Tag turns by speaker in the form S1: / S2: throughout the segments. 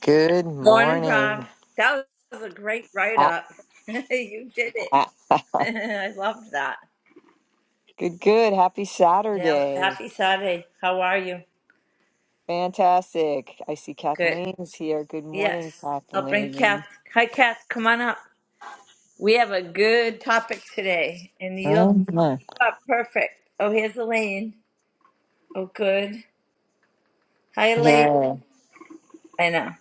S1: Good
S2: Morning,
S1: morning.
S2: Prom. That was a great write
S1: Ah,
S2: up. you did it.
S1: ah, ah.
S2: I loved that.
S1: Good, good. Happy
S2: Yeah.
S1: Saturday.
S2: Happy Saturday. How are you?
S1: Fantastic. I see
S2: Good.
S1: Kathleen is here. Good morning,
S2: Yes. I'll bring Kath.
S1: Kathleen.
S2: Hi, Kath. Come on up. We have a good topic today, and you'll
S1: Oh, my.
S2: you are perfect. Oh, here's Elaine. Oh, good. Hi, Elaine.
S1: yeah.
S2: I know.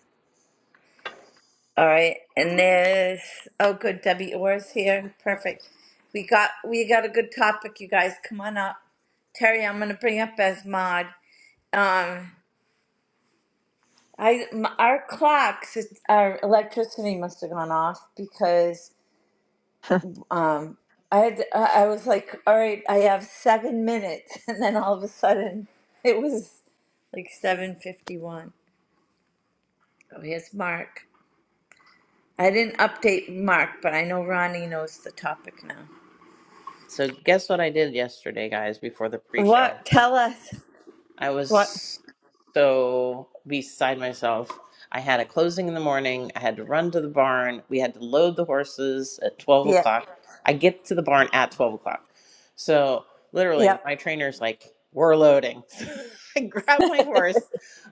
S2: All right, and there's oh good, Debbie Orr's here. Perfect. We got we got a good topic, you guys. Come on up, Terry. I'm gonna bring up as mod. Um, I m- our clocks, it, our electricity must have gone off because um I had I I was like, all right, I have seven minutes, and then all of a sudden it was like seven fifty one. Oh, here's Mark. I didn't update Mark, but I know Ronnie knows the topic now.
S3: So guess what I did yesterday, guys, before the pre-show?
S2: What? Tell us.
S3: I
S2: What?
S3: was so beside myself. I had a closing in the morning. I had to run to the barn. We had to load the horses at 12
S2: Yeah.
S3: o'clock. I get to the barn at 12 o'clock. So,
S2: Yeah.
S3: literally, my trainer's like, We're loading. I grab my horse.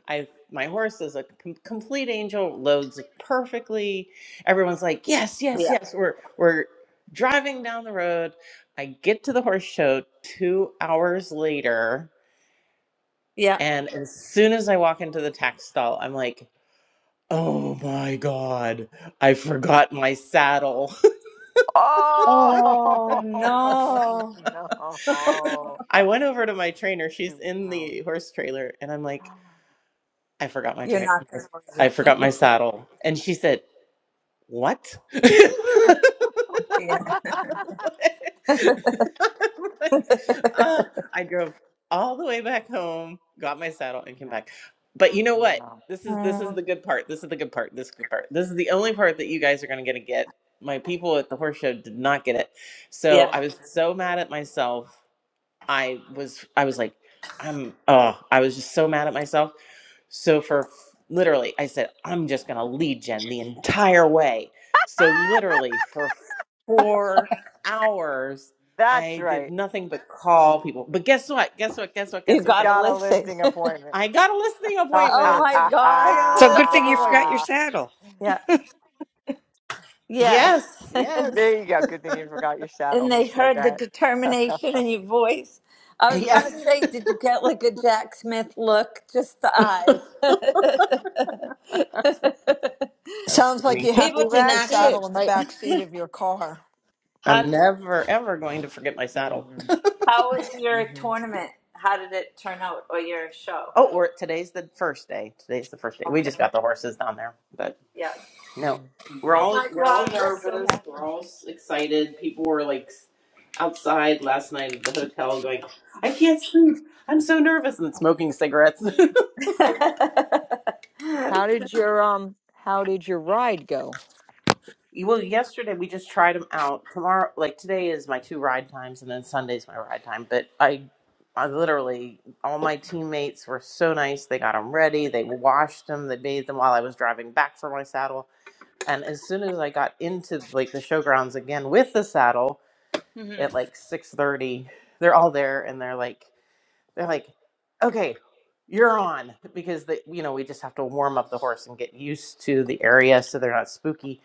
S3: I my horse is a com- complete angel, loads perfectly. Everyone's like, "Yes, yes,
S2: Yeah.
S3: yes." We're we're driving down the road. I get to the horse show 2 hours later
S2: Yeah.
S3: and as soon as I walk into the tack stall, I'm like, oh my God, I forgot my saddle.
S1: Oh,
S2: Oh no!
S1: no.
S3: I went over to my trainer. She's
S1: Two
S3: in the
S1: hours.
S3: horse trailer. And I'm like, I forgot my,
S2: You're
S3: tra-
S2: not
S3: my-
S2: gonna believe
S3: I forgot my
S2: it.
S3: saddle. And she said, what?
S2: yeah.
S3: I'm like, uh, I drove all the way back home, got my saddle, and came
S1: No,
S3: back. But you know what?
S1: no.
S3: This is this is
S2: Mm.
S3: the good part. This is the good part. This is the good part. This is the only part that you guys are gonna gonna get. My people at the horse show did not get it, so I
S2: Yeah.
S3: was so mad at myself I was I was like, I'm oh, I was just so mad at myself. So for f- literally, I said, I'm just gonna lead gen the entire way. So literally for four hours,
S1: That's
S3: I did
S1: right.
S3: nothing but call people. But guess what? Guess what? Guess what?
S2: You
S3: Guess
S1: You
S3: what?
S2: got
S3: Guess
S2: a
S3: what?
S1: got a
S2: listing.
S1: listing appointment.
S3: I got a listing
S1: there
S2: oh
S3: appointment.
S2: my
S3: I
S2: god.
S3: got a
S4: So good
S3: listing
S4: thing you forgot
S3: appointment.
S4: your saddle.
S2: Yeah. Yes.
S3: Yes, yes.
S1: you go. Good thing you forgot your saddle.
S2: and
S1: Who
S2: they
S1: said
S2: heard the
S1: that?
S2: determination in your voice. I was
S3: Yeah.
S2: gonna say, did you get like a Jack Smith look? Just the eyes.
S3: That's
S5: Sounds like
S3: funny.
S5: you have to
S6: Pivot
S1: Well,
S6: in
S5: keep a
S1: that's
S6: action.
S1: it,
S5: saddle in the
S1: right?
S5: back seat of your car.
S2: How?
S3: I'm never ever going to forget my
S1: hmm
S3: saddle.
S2: How was
S1: hmm
S2: your tournament? How did it turn out, or your show?
S3: Oh, we today's the first day. Today's the first day. We
S2: Okay.
S3: just got the horses down there, but
S2: Yeah.
S3: no,
S1: hmm
S3: we're
S2: Oh
S3: all
S2: my
S3: we're all
S2: God, we're so
S3: nervous. We're
S2: happy.
S3: all s- excited. People were like s- outside last night at the hotel, going, "I can't sleep. I'm so nervous," and smoking cigarettes.
S1: How did your um? How did your ride go?
S3: well, yesterday we just tried them out. Tomorrow, like today, is my two ride times, and then Sunday's my ride time. But I. I literally, all my teammates were so nice. They got them ready. They washed them. They bathed them while I was driving back for my saddle and as soon as I got into like the showgrounds again with the saddle
S2: hmm
S3: at like six thirty, they're all there and they're like they're like, okay, you're on because they, you know we just have to warm up the horse and get used to the area so they're not spooky.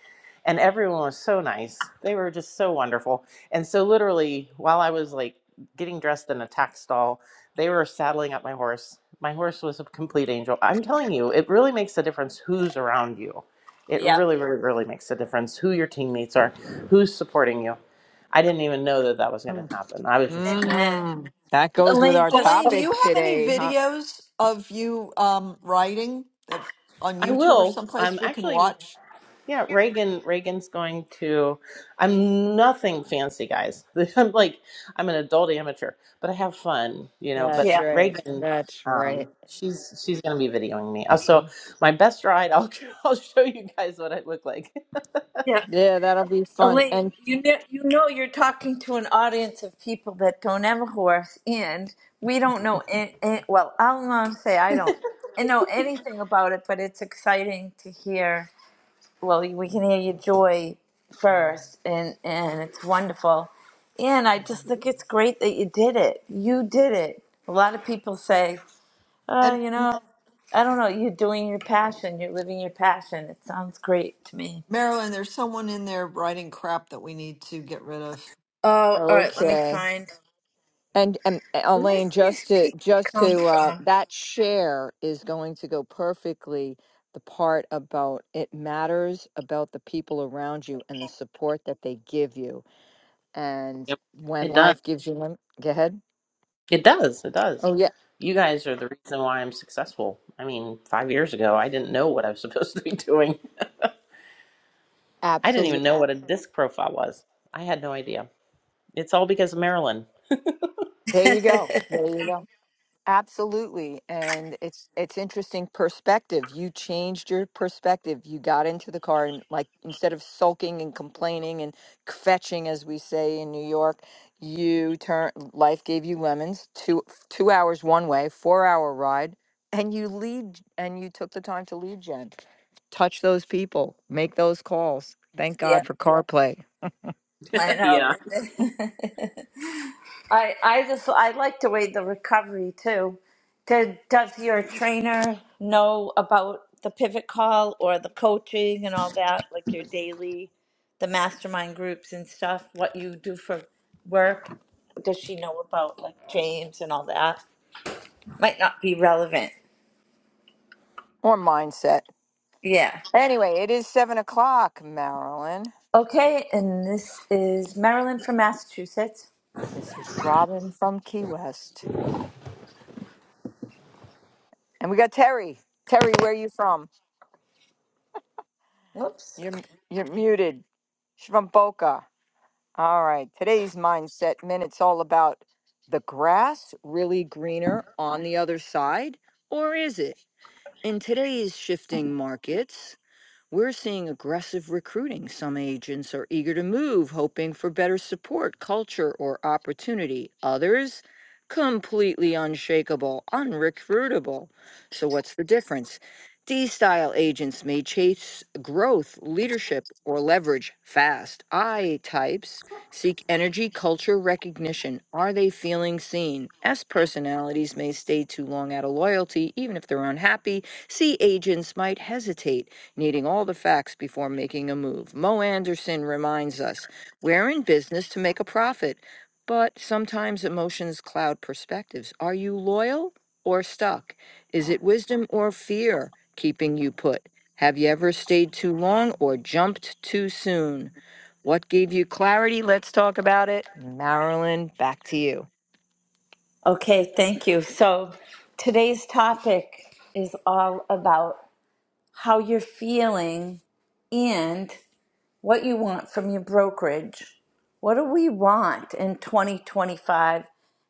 S3: And everyone was so nice. They were just so wonderful. And so literally, while I was like getting dressed in a tack stall, they were saddling up my horse. My horse was a complete angel. I'm telling you, it really makes a difference who's around you. It
S2: Yeah.
S3: really, really, really makes a difference who your teammates are, who's supporting you. I didn't even know that that was going to happen. I was just,
S2: Amen.
S1: Mm. That goes with
S2: Elaine,
S1: our
S2: just
S5: Elaine, do
S2: oh,
S1: topic
S5: you have any
S1: today, huh?
S5: videos of you um, riding that, on
S3: I
S5: YouTube or
S3: will.
S5: someplace
S3: I'm
S5: we can
S3: actually.
S5: watch?
S3: Yeah, Reagan. Reagan's going to. I'm nothing fancy, guys. I'm like I'm an adult amateur, but I have fun, you know. But
S1: That's
S2: yeah,
S1: right.
S3: Reagan,
S1: That's
S3: um,
S1: right.
S3: she's she's gonna be videoing me. Also,
S1: Mhm.
S3: my best ride. I'll I'll show you guys what I look like.
S2: yeah.
S1: Yeah, that'll be fun.
S2: Elaine,
S1: And
S2: you know, you know, you're talking to an audience of people that don't have a horse, and we don't know. an- an- well, I'll not say I don't. know anything about it, but it's exciting to hear well, we can hear your joy first, and and it's wonderful. And I just think it's great that you did it. You did it. A lot of people say, "Oh,
S5: And
S2: you know, I don't know. You're doing your passion. You're living your passion." It sounds great to me.
S5: Marilyn, there's someone in there writing crap that we need to get rid of.
S2: Oh, all right. Let me
S1: okay.
S2: find
S1: And and eh,
S2: where did
S1: Elaine,
S2: this
S1: just to
S2: pizza
S1: just
S2: come
S1: to uh
S2: from.
S1: that share is going to go perfectly the part about it matters about the people around you and the support that they give you And
S3: Yep,
S1: when
S3: it does.
S1: life gives you lim go ahead.
S3: It does. It does.
S1: Oh yeah,
S3: You guys are the reason why I'm successful. I mean, five years ago, I didn't know what I was supposed to be doing. I didn't even
S1: absolutely.
S3: know what a disc profile was. I had no idea. It's all because of Marilyn.
S1: There you go. There you go. Absolutely. And it's it's interesting perspective. You changed your perspective. You got into the car and like instead of sulking and complaining and fetching as we say in New York, you turn life gave you lemons, two two hours one way, four hour ride, and you lead and you took the time to lead Jen. Touch those people, make those calls. Thank
S2: yeah,
S1: God for CarPlay.
S2: I
S3: Yeah.
S2: know. I I just I like the way the recovery too. Did, does your trainer know about the pivot call or the coaching and all that, like your daily, the mastermind groups and stuff? What you do for work? Does she know about like James and all that? Might not be relevant.
S1: Or mindset.
S2: Yeah.
S1: Anyway, it is seven o'clock, Marilyn.
S2: Okay, and this is Marilyn from Massachusetts.
S1: This is Robin from Key West. And we got Terry. Terry, where you from?
S2: Whoops.
S1: You're, you're muted. She's from Boca. All right. Today's Mindset Minute's all about the grass really greener on the other side, or is it? In today's shifting markets, We're seeing aggressive recruiting. Some agents are eager to move, hoping for better support, culture, or opportunity. Others, completely unshakable, unrecruitable. So, what's the difference? D style agents may chase growth, leadership, or leverage fast. I types seek energy, culture, recognition. Are they feeling seen? S personalities may stay too long out of loyalty, even if they're unhappy. C agents might hesitate needing all the facts before making a move. Mo Anderson reminds us we're in business to make a profit, but sometimes emotions cloud perspectives. Are you loyal or stuck? Is it wisdom or fear keeping you put? Have you ever stayed too long or jumped too soon? What gave you clarity? Let's talk about it. Marilyn, back to you.
S2: Okay, thank you. So today's topic is all about how you're feeling and what you want from your brokerage. What do we want in 2025?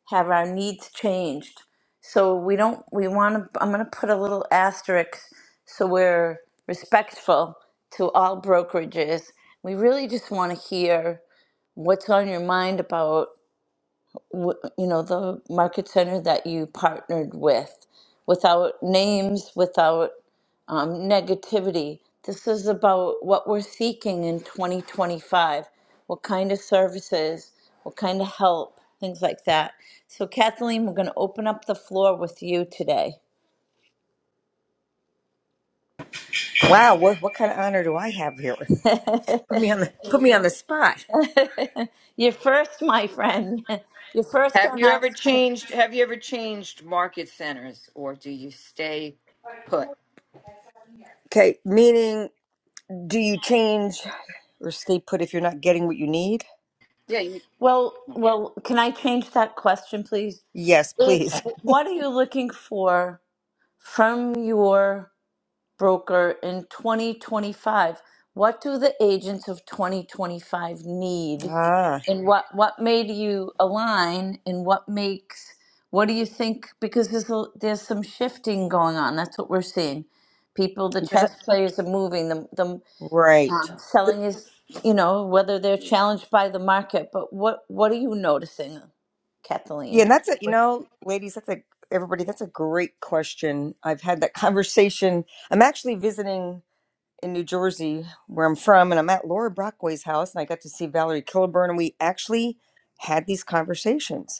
S2: Have our needs changed? So we don't, we want to, I'm going to put a little asterisk so we're respectful to all brokerages. We really just want to hear what's on your mind about, wh- you know, the market center that you partnered with without names, without um, negativity. This is about what we're seeking in 2025, what kind of services, what kind of help, things like that. So, Kathleen, we're going to open up the floor with you today.
S4: Wow, what what kind of honor do I have here? Put me on the put me on the spot.
S2: You're first, my friend. You're first on our screen.
S1: Or do you say,
S4: Okay, meaning do you change or stay put if you're not getting what you need?
S1: yeah, you
S2: Well, well, can I change that question, please?
S4: Yes,
S2: It's
S4: please.
S2: what are you looking for from your broker in 2025 what do the agents of 2025 need
S4: Ah,
S2: and what what made you align and what makes what do you think because there's a, there's some shifting going on that's what we're seeing people the
S4: does it-
S2: chess players are moving the the
S4: right.
S2: um,
S4: Th-
S2: selling is you know whether they're challenged by the market but what what are you noticing
S4: Yeah,
S2: Kathleen
S4: and that's it. You know, ladies, that's a everybody. That's a great question. I've had that conversation. I'm actually visiting in New Jersey, where I'm from, and I'm at Laura Brockway's house, and I got to see Valerie Kilburn, and we actually had these conversations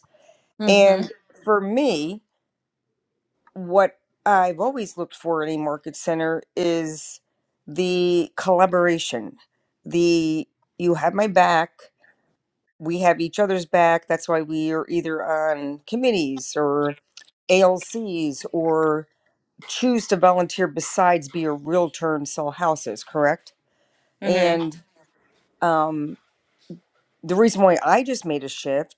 S2: mhm
S4: And for me, what I've always looked for in a market center is the collaboration. The you have my back, we have each other's back. That's why we are either on committees or ALCs or choose to volunteer besides be a realtor and sell houses, correct?
S2: mhm
S4: And um, the reason why I just made a shift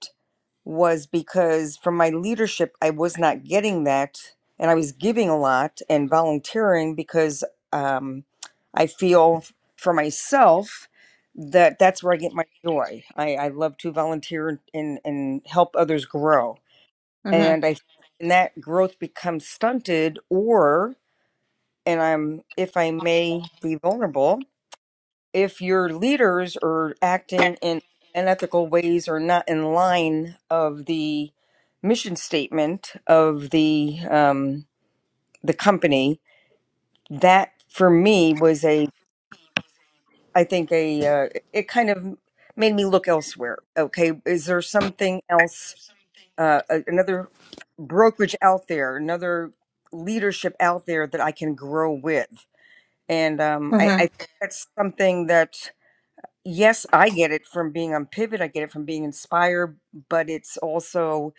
S4: was because from my leadership, I was not getting that. And I was giving a lot and volunteering because um, I feel for myself that that's where I get my joy. I, I love to volunteer and, and help others grow.
S2: mhm
S4: And I and that growth becomes stunted or and I'm if I may be vulnerable, if your leaders are acting in unethical ways or not in line of the mission statement of the um, the company, that for me was a I think a uh, it kind of made me look elsewhere. Okay, is there something else? Uh, a- another brokerage out there, another leadership out there that I can grow with, and um, I, I
S2: mhm
S4: think that's something that yes, I get it from being on Pivot. I get it from being inspired, but it's also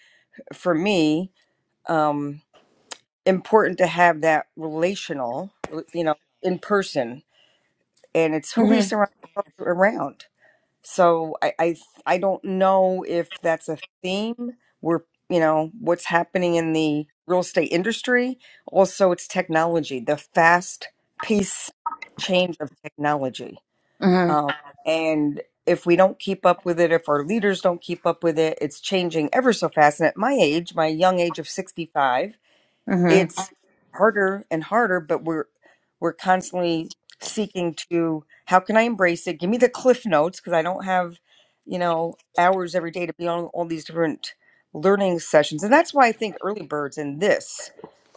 S4: for me um, important to have that relational, you know, in person, and it's who we
S2: mhm
S4: surround ourselves around. So I, I, I don't know if that's a theme. We're, you know, what's happening in the real estate industry. Also, it's technology, the fast pace change of technology.
S2: mhm
S4: Um, and if we don't keep up with it, if our leaders don't keep up with it, it's changing ever so fast. And at my age, my young age of 65,
S2: mhm.
S4: it's harder and harder, but we're we're constantly seeking to how can I embrace it? Give me the cliff notes because I don't have, you know, hours every day to be on all these different learning sessions. And that's why I think early birds in this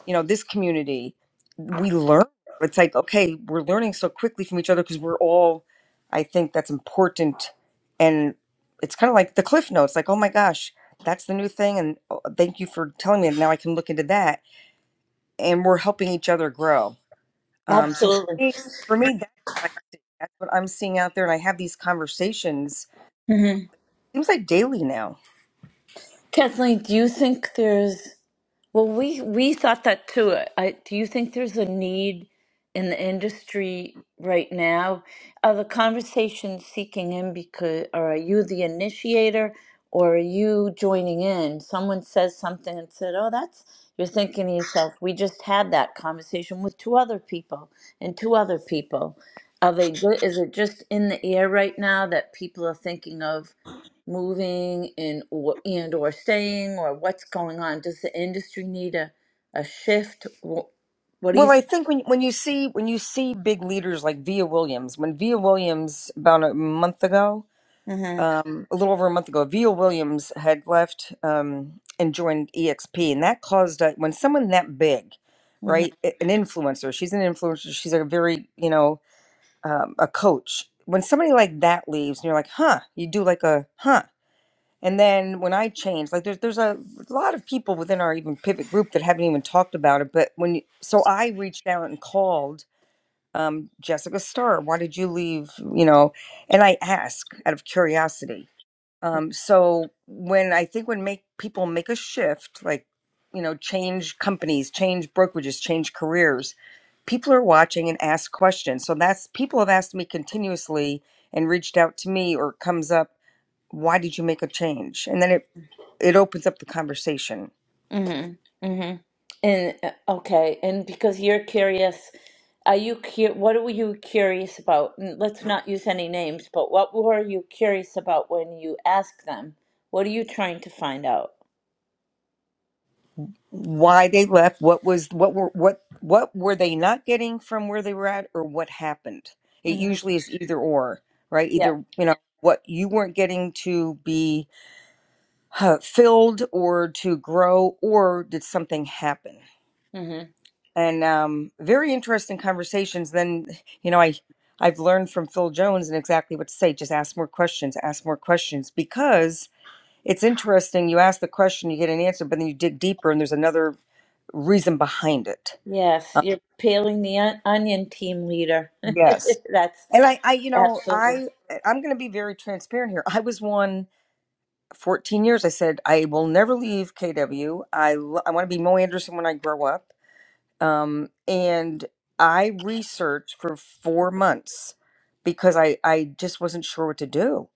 S4: you know this community we learn it's like okay we're learning so quickly from each other because we're all i think that's important and it's kind of like the cliff notes like oh my gosh that's the new thing and oh, thank you for telling me now i can look into that and we're helping each other grow um, so for me
S2: absolutely
S4: for me that's what, I see. that's what i'm seeing out there and i have these conversations seems like daily now
S2: Kathleen, do you think there's well we we thought that too. I, do you think there's a need in the industry right now? Are the conversations seeking in because or are you the initiator or are you joining in? Someone says something and said, Oh, that's you're thinking to yourself, we just had that conversation with two other people and two other people. Are they is it just in the air right now that people are thinking of moving and or, and or staying or what's going on? Does the industry need a, a shift? Wh- What do you?
S4: well,
S2: think?
S4: I think when when you see when you see big leaders like Via Williams, when Via Williams about a month ago,
S2: Mm-hmm.
S4: um, a little over a month ago, Vio Williams had left um, and joined EXP, and that caused a, when someone that big, right,
S2: Mm-hmm.
S4: a- an influencer, she's an influencer, she's a very, you know, um, a coach. When somebody like that leaves, and you're like, huh, you do like a huh. And then when I changed, like there's there's a lot of people within our even pivot group that haven't even talked about it. But when you, so I reached out and called um, Jessica Starr. Why did you leave? You know, and I ask out of curiosity um, so when I think when make people make a shift, like you know, change companies, change brokerages, change careers, people are watching and ask questions. So that's people have asked me continuously and reached out to me or it comes up, why did you make a change? And then it it opens up the conversation.
S2: Mm-hmm. Mm-hmm. And uh, okay, and because you're curious, are you cu- what were you curious about? N- Let's not use any names, but what were you curious about when you asked them? What are you trying to find out?
S4: Why they left, what was what were what what were they not getting from where they were at or what happened? It
S2: Mm-hmm.
S4: usually is either or, right?
S2: Yeah.
S4: Either, you know, what you weren't getting to be uh, filled or to grow or did something happen
S2: Mm-hmm.
S4: and um, very interesting conversations then you know i i've learned from phil jones and exactly what to say just ask more questions ask more questions because it's interesting you ask the question you get an answer but then you dig deeper and there's another reason behind it
S2: Yes,
S4: uh,
S2: you're peeling the on- onion team leader.
S4: yes
S2: That's
S4: and i i you know
S2: absolutely.
S4: i i'm going to be very transparent here i was one 14 years i said i will never leave kw i lo- i want to be mo anderson when i grow up um, and I researched for four months because I I just wasn't sure what to do.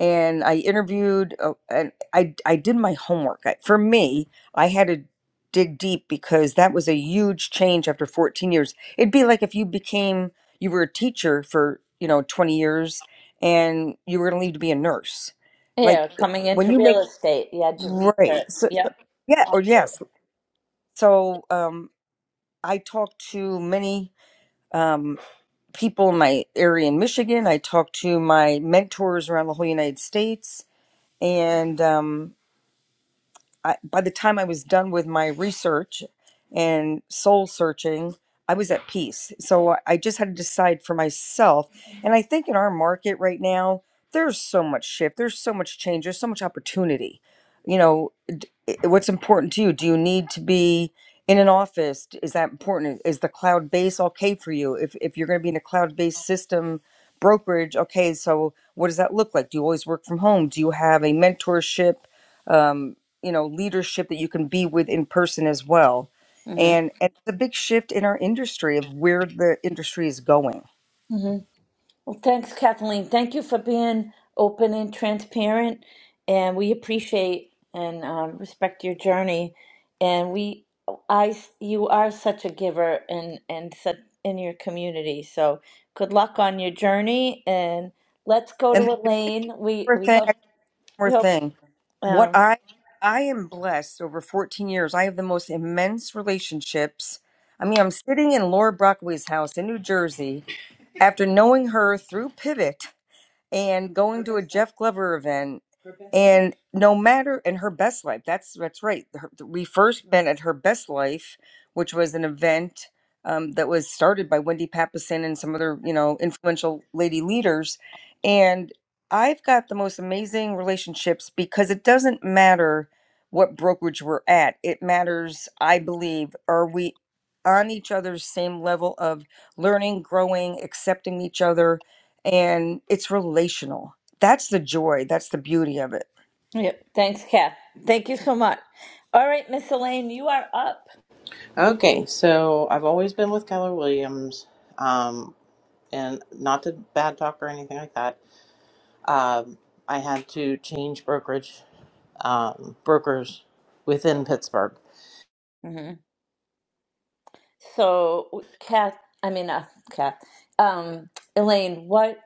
S4: And I interviewed, uh, and I I did my homework. I, for me, I had to dig deep because that was a huge change after 14 years. It'd be like if you became you were a teacher for you know 20 years and you were going to leave to be a nurse.
S2: Yeah,
S4: Like eh,
S2: coming
S4: when
S2: into
S4: you
S2: real
S4: make
S2: estate, you had to research.
S4: right, so, so-
S2: Yep,
S4: yeah, or
S2: absolutely.
S4: yes. So um, I talked to many um, people in my area in Michigan. I talk to my mentors around the whole United States, and um, I, by the time I was done with my research and soul searching, I was at peace. So I I just had to decide for myself. And I think in our market right now, there's so much shift, there's so much change, there's so much opportunity. You know, d- i- what's important to you? Do you need to be in an office? D- Is that important? Is the cloud base okay for you? If, if you're going to be in a cloud based system brokerage, okay, so what does that look like? Do you always work from home? Do you have a mentorship? Um, you know leadership that you can be with in person as well
S2: hmm
S4: and, and it's a big shift in our industry of where the industry is going
S2: hmm Well, thanks, Kathleen. Thank you for being open and transparent, and we appreciate and um, respect your journey. And we, I, you are such a giver and and such in your community. So good luck on your journey, and let's go to
S4: and thank you
S2: Elaine. We
S4: for
S2: we
S4: everything
S2: hope
S4: more
S2: we hope.
S4: thing. What
S2: Um,
S4: I I am blessed over 14 years. I have the most immense relationships. I mean, I'm sitting in Laura Brockway's house in New Jersey after knowing her through Pivot and going to a Jeff Glover event, and no matter in her best life. That's that's right. Her, we first met at her best life, which was an event um, that was started by Wendy Papasan and some other you know influential lady leaders, and I've got the most amazing relationships because it doesn't matter what brokerage we're at. It matters, I believe, are we on each other's same level of learning, growing, accepting each other, and it's relational. That's the joy, that's the beauty of it.
S2: yeah, thanks, Kath. Thank you so much. All right, Miss Elaine, you are up.
S3: Okay, so I've always been with Keller Williams, um, and not to bad talk or anything like that. Um, I had to change brokerage um, brokers within Pittsburgh,
S2: hmm So, Kath, I mean, uh, Kath, um, Elaine, what,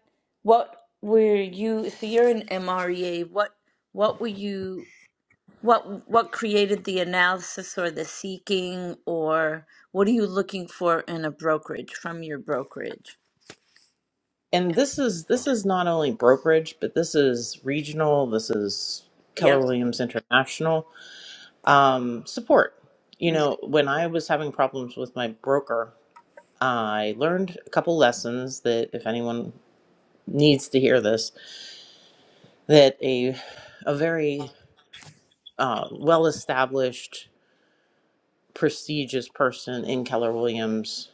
S2: what were you? So you're an MREA. What, what were you? What, what created the analysis or the seeking, or what are you looking for in a brokerage from your brokerage?
S3: and this is this is not only brokerage, but this is regional. This is Keller
S2: Yep.
S3: Williams International um, support. You
S2: hmm
S3: know, when I was having problems with my broker, I learned a couple lessons that if anyone needs to hear this that a a very uh, well established, prestigious person in Keller Williams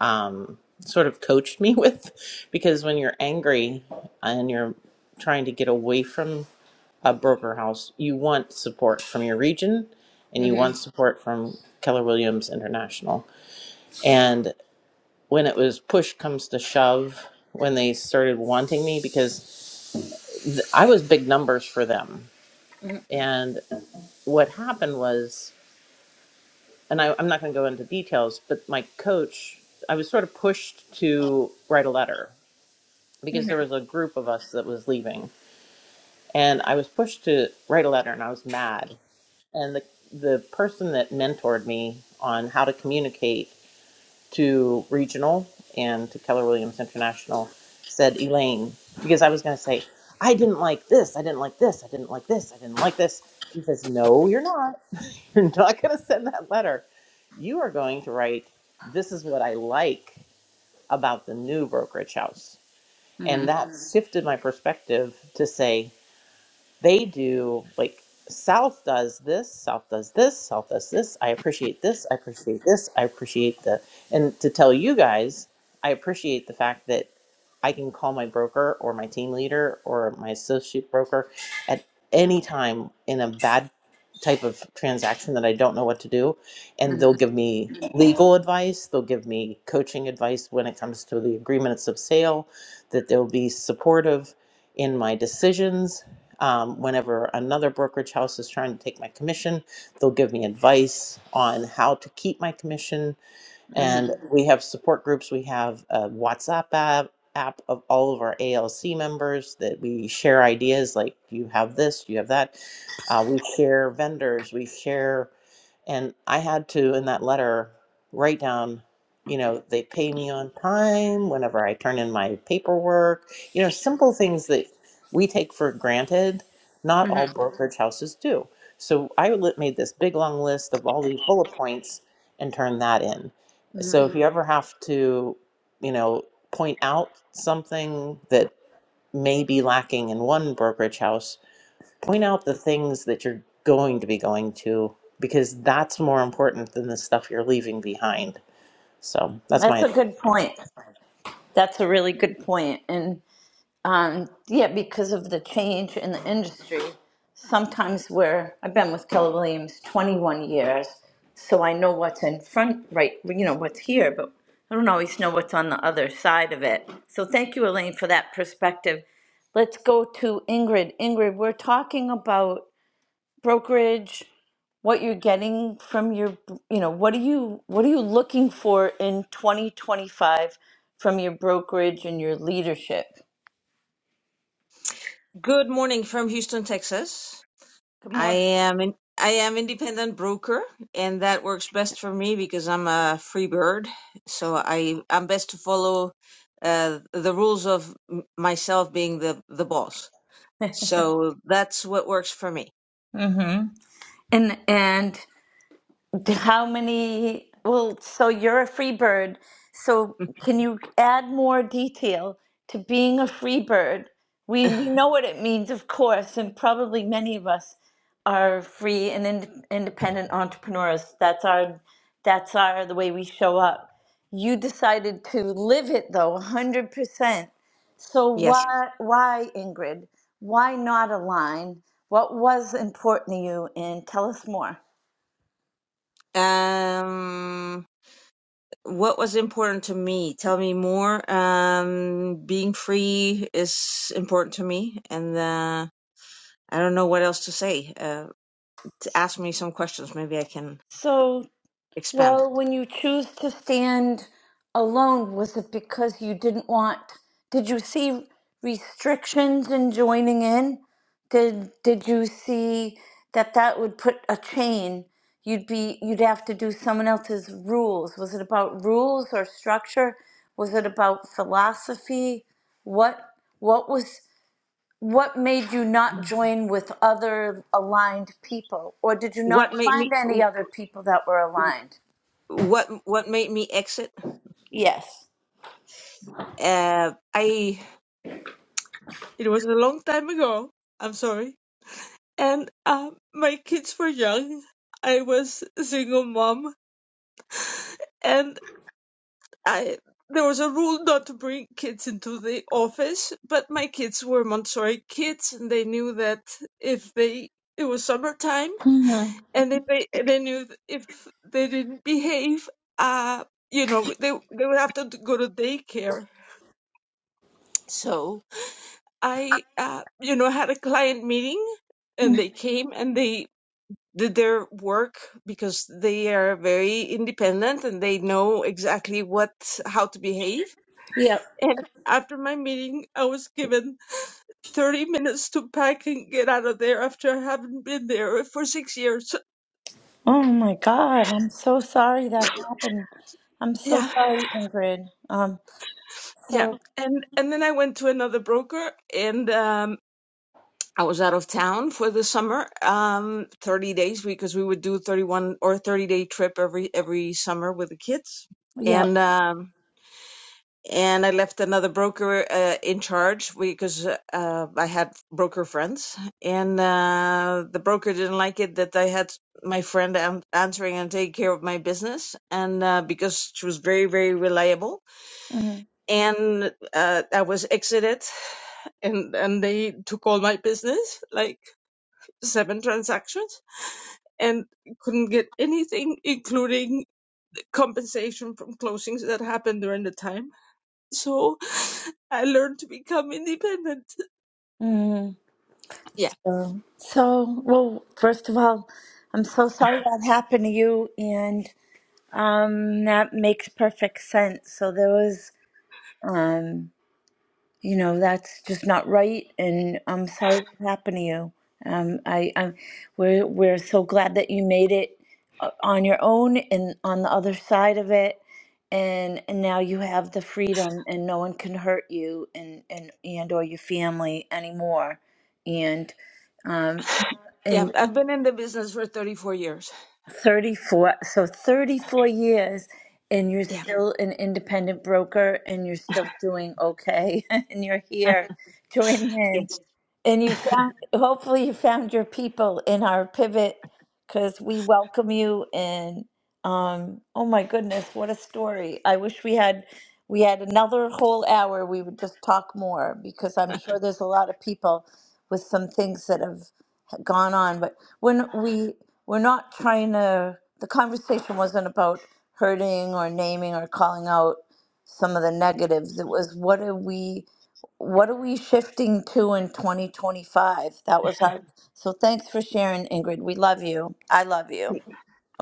S3: um, sort of coached me with, because when you're angry and you're trying to get away from a broker house, you want support from your region, and you
S2: hmm
S3: want support from Keller Williams International. And when it was push comes to shove, when they started wanting me, because th- I was big numbers for them,
S2: hmm
S3: and what happened was. and I, I'm not going to go into details, but my coach, I was sort of pushed to write a letter because there was a group of us that was leaving, and I was pushed to write a letter, and I was mad. And the the person that mentored me on how to communicate to regional and to Keller Williams International said, Elaine, because I was going to say, I didn't like this, I didn't like this, I didn't like this, I didn't like this. She says, No, you're not. You're not going to send that letter. You are going to write, This is what I like about the new brokerage house.
S2: hmm
S3: And that Mhm. shifted my perspective to say, they do like south does this south does this south does this i appreciate this i appreciate this i appreciate the and to tell you guys i appreciate the fact that i can call my broker or my team leader or my associate broker at any time in a bad type of transaction that i don't know what to do and they'll give me legal advice they'll give me coaching advice when it comes to the agreements of sale that they'll be supportive in my decisions um, whenever another brokerage house is trying to take my commission, they'll give me advice on how to keep my commission.
S2: hmm
S3: And we have support groups. We have a WhatsApp app, app of all of our ALC members that we share ideas like, you have this, you have that. Uh, we share vendors, we share and I had to, in that letter, write down, you know, they pay me on time whenever I turn in my paperwork, you know, simple things that we take for granted. Not
S2: hmm
S3: all brokerage houses do. So I li- made this big long list of all these bullet points and turned that in.
S2: hmm
S3: So if you ever have to, you know, point out something that may be lacking in one brokerage house, point out the things that you're going to be going to because that's more important than the stuff you're leaving behind. So that's my
S2: That's
S3: advice.
S2: a good point. That's a really good point, and Um, yeah, because of the change in the industry, sometimes where I've been with Keller Williams 21 years, so I know what's in front, right, you know, what's here, but I don't always know what's on the other side of it. So thank you, Elaine, for that perspective. Let's go to Ingrid. Ingrid, we're talking about brokerage, what you're getting from your, you know, what are you what are you looking for in 2025 from your brokerage and your leadership?
S6: Good morning from Houston, Texas.
S2: Good
S6: I
S2: morning.
S6: am in, I am independent broker, and that works best for me because I'm a free bird. So I I'm best to follow uh, the rules of m- myself being the the boss. So that's what works for me.
S2: Mm-hmm. And and d- how many? Well, so you're a free bird. So can you add more detail to being a free bird? We know what it means, of course, and probably many of us are free and ind- independent entrepreneurs. That's our that's our the way we show up. You decided to live it though, 100%. So
S6: Yes.
S2: why why Ingrid? Why not align? What was important to you? And tell us more.
S6: Um, what was important to me? Tell me more. Um, being free is important to me, and uh, I don't know what else to say. Uh. ask me some questions. Maybe I can
S2: So
S6: expand.
S2: Well, when you choose to stand alone, was it because you didn't want? Did you see restrictions in joining in? Did Did you see that that would put a chain? You'd be you'd have to do someone else's rules. Was it about rules or structure? Was it about philosophy? What What was what made you not
S6: Mm.
S2: join with other aligned people, or did you
S6: What
S2: not
S6: made me
S2: find any other people that were aligned?
S6: what what made me exit?
S2: Yes.
S6: Uh, I it was a long time ago. I'm sorry. And uh, my kids were young. I was a single mom, and I there was a rule not to bring kids into the office. But my kids were Montessori kids, and they knew that if they it was summertime
S2: Mhm.
S6: and if they they knew if they didn't behave uh you know they they would have to go to daycare so i uh you know had a client meeting and they came and they did their work because they are very independent and they know exactly what how to behave
S2: Yep.
S6: and after my meeting i was given 30 minutes to pack and get out of there after i haven't been there for six years
S2: Oh my God, I'm so sorry that happened. I'm so
S6: yeah
S2: sorry, Ingrid. Um,
S6: Yeah.
S2: so
S6: And and then I went to another broker and um I was out of town for the summer, um 30 days because we would do 31 or 30 day trip every every summer with the kids.
S2: yeah.
S6: And um and I left another broker uh, in charge because uh, I had broker friends, and uh, the broker didn't like it that I had my friend an- answering and taking care of my business, and uh, because she was very, very reliable,
S2: mm
S6: and uh, I was exited and and they took all my business like seven transactions and couldn't get anything including compensation from closings that happened during the time so i learned to become independent
S2: mm.
S6: yeah
S2: So, so well, first of all, I'm so sorry that happened to you, and um, that makes perfect sense. So there was. um, you know that's just not right and i'm sorry what happened to you um i i'm we're we're so glad that you made it uh, on your own and on the other side of it and and now you have the freedom and no one can hurt you and and and or your family anymore and um
S6: yeah
S2: and
S6: i've been in the business for 34 years
S2: 34 so 34 years and you're
S6: yeah
S2: still an independent broker and you're still doing okay and you're here joining in
S6: yes
S2: and you found hopefully you found your people in our pivot because we welcome you and um oh my goodness what a story i wish we had we had another whole hour we would just talk more because i'm sure there's a lot of people with some things that have gone on but when we we're not trying to the conversation wasn't about hurting or naming or calling out some of the negatives it was what are we what are we shifting to in 2025 that was our so thanks for sharing ingrid we love you i love
S6: thank
S2: you
S6: you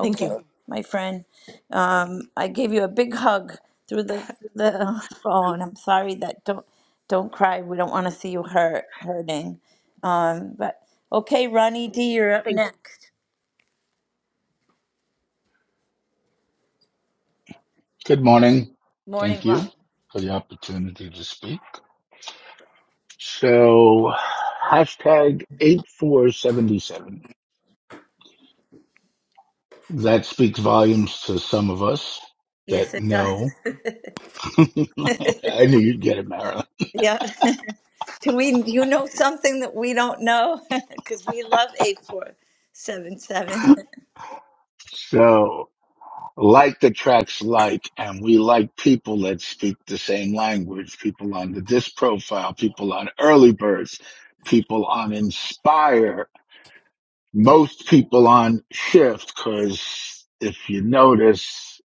S6: Thank. you.
S2: my friend um, i gave you a big hug through the through the phone i'm sorry that don't don't cry we don't want to see you hurt hurting um, but okay ronnie d you're up next
S7: Good morning.
S2: Morning
S7: Thank you
S2: run.
S7: for the opportunity to speak. So, hashtag 8477. That speaks volumes to some of us
S2: Yes,
S7: that
S2: it does.
S7: know. I knew you'd get it, Marilyn.
S2: Yeah. Do we, you know something that we don't know? Because we love 8477.
S7: So, like the tracks like, and we like people that speak the same language, people on the disc profile, people on early birds, people on inspire, most people on shift because if you notice,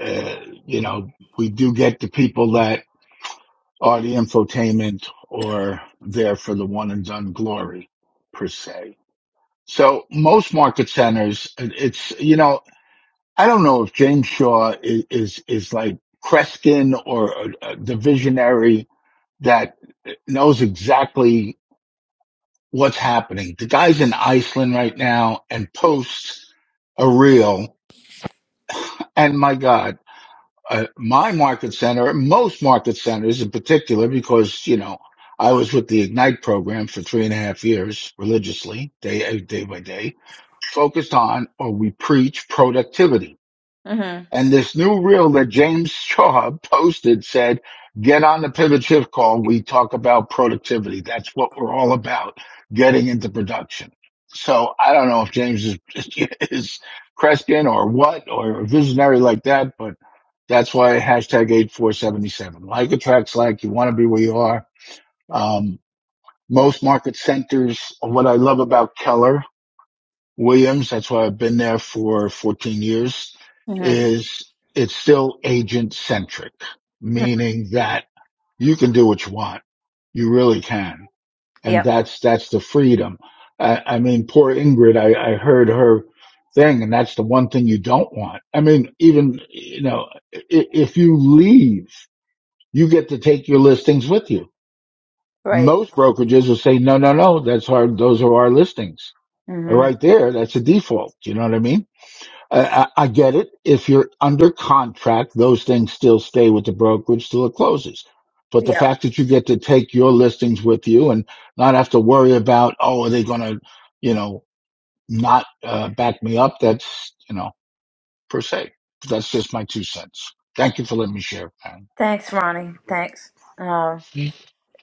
S7: uh, you know, we do get the people that are the infotainment or there for the one and done glory per se. So most market centers, it's, you know, I don't know if James Shaw is, is, is like Kreskin or uh, uh, the visionary that knows exactly what's happening. The guy's in Iceland right now and posts a reel And my God, uh, my market center, most market centers in particular, because, you know, I was with the Ignite program for three and a half years religiously, day, uh, day by day, focused on, or we preach productivity
S2: Mm-hmm.
S7: and this new reel that James Shaw posted said, get on the pivot shift call. We talk about productivity. That's what we're all about, getting into production. So I don't know if James is, is Kreskin or what, or a visionary like that, but that's why hashtag 8477. Like attracts like. You want to be where you are.
S2: Yep.
S7: Um, most market centers, what I love about Keller Williams. That's why I've been there for 14 years
S2: Mm-hmm.
S7: is it's still agent centric, meaning that you can do what you want. You really can. And
S2: Yep.
S7: that's, that's the freedom. I, I mean, poor Ingrid, I, I heard her thing and that's the one thing you don't want. I mean, even, you know, i- if you leave, you get to take your listings with you.
S2: Right.
S7: Most brokerages will say, no, no, no, that's our, those are our listings.
S2: Mm-hmm.
S7: Right there, that's a default. You know what I mean? I, I I get it. If you're under contract, those things still stay with the brokerage till it closes. But the
S2: Yep.
S7: fact that you get to take your listings with you and not have to worry about, oh, are they going to, you know, not uh, back me up? That's, you know, per se. That's just my two cents. Thank you for letting me share, man.
S2: Thanks, Ronnie. Thanks.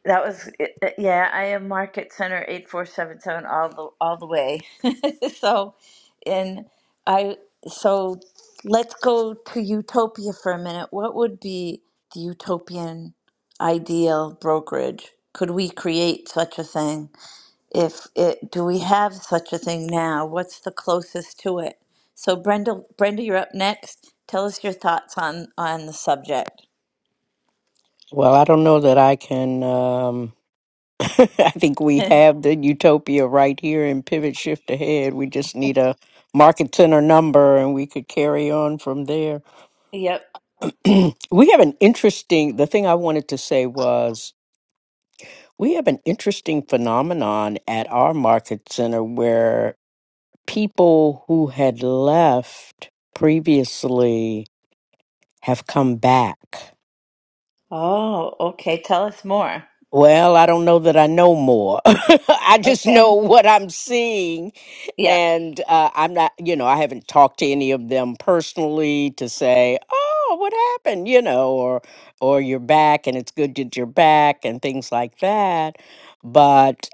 S2: That was it- it- yeah. I am Market Center eight four seven seven all the all the way. so, and I so let's go to utopia for a minute. What would be the utopian ideal brokerage? Could we create such a thing? If it, do we have such a thing now? What's the closest to it? So, Brenda, Brenda, you're up next. Tell us your thoughts on on the subject.
S8: Well, I don't know that I can. Um, I think we have the utopia right here in Pivot Shift Ahead. We just need a market center number and we could carry on from there.
S2: Yep.
S8: we have an interesting, the thing I wanted to say was we have an interesting phenomenon at our market center where people who had left previously have come back
S2: Oh, okay. Tell us more.
S8: Well, I don't know that I know more. I just
S2: Okay.
S8: know what I'm seeing.
S2: Yeah.
S8: And uh, I'm not, you know, I haven't talked to any of them personally to say, oh, what happened, you know, or, or you're back and it's good that you're back and things like that. But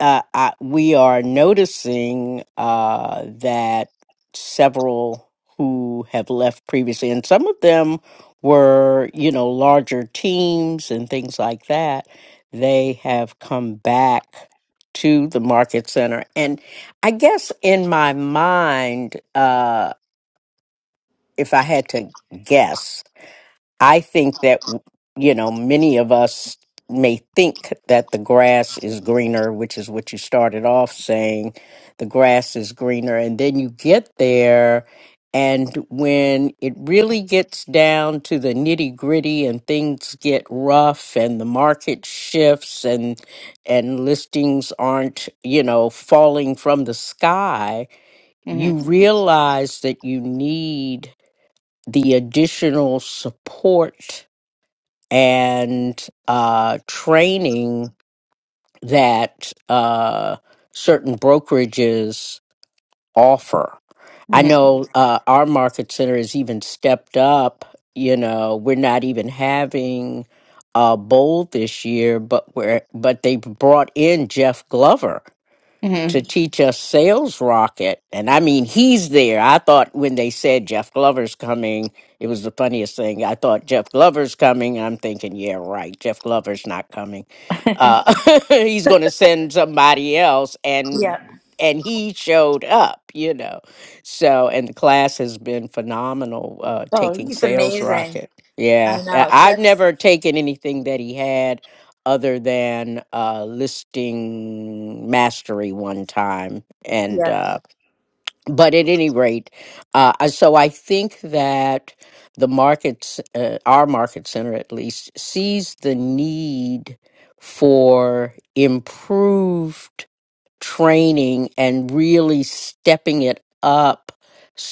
S8: uh, I, we are noticing uh, that several who have left previously, and some of them were, you know, larger teams and things like that, they have come back to the market center. And I guess in my mind, uh, if I had to guess, I think that, you know, many of us may think that the grass is greener, which is what you started off saying. The grass is greener. And then you get there, and when it really gets down to the nitty gritty and things get rough and the market shifts and, and listings aren't, you know, falling from the sky,
S2: hmm
S8: you realize that you need the additional support and uh, training that uh, certain brokerages offer. I
S2: hmm
S8: know uh, our market center has even stepped up. You know, we're not even having a bowl this year, but we're but they brought in Jeff Glover
S2: hmm
S8: to teach us sales rocket and i mean he's there i thought when they said jeff glover's coming it was the funniest thing i thought jeff glover's coming i'm thinking yeah right jeff glover's not coming uh he's going to send somebody else and
S2: yeah.
S8: and he showed up you know so and the class has been phenomenal uh
S2: Oh,
S8: taking
S2: he's
S8: sales
S2: amazing.
S8: rocket yeah
S2: I
S8: I-
S2: know.
S8: i've
S2: Just
S8: never taken anything that he had other than uh, listing mastery one time. And
S2: yeah.
S8: uh, but at any rate, uh, I- so I think that the markets, uh, our market center at least, sees the need for improved training and really stepping it up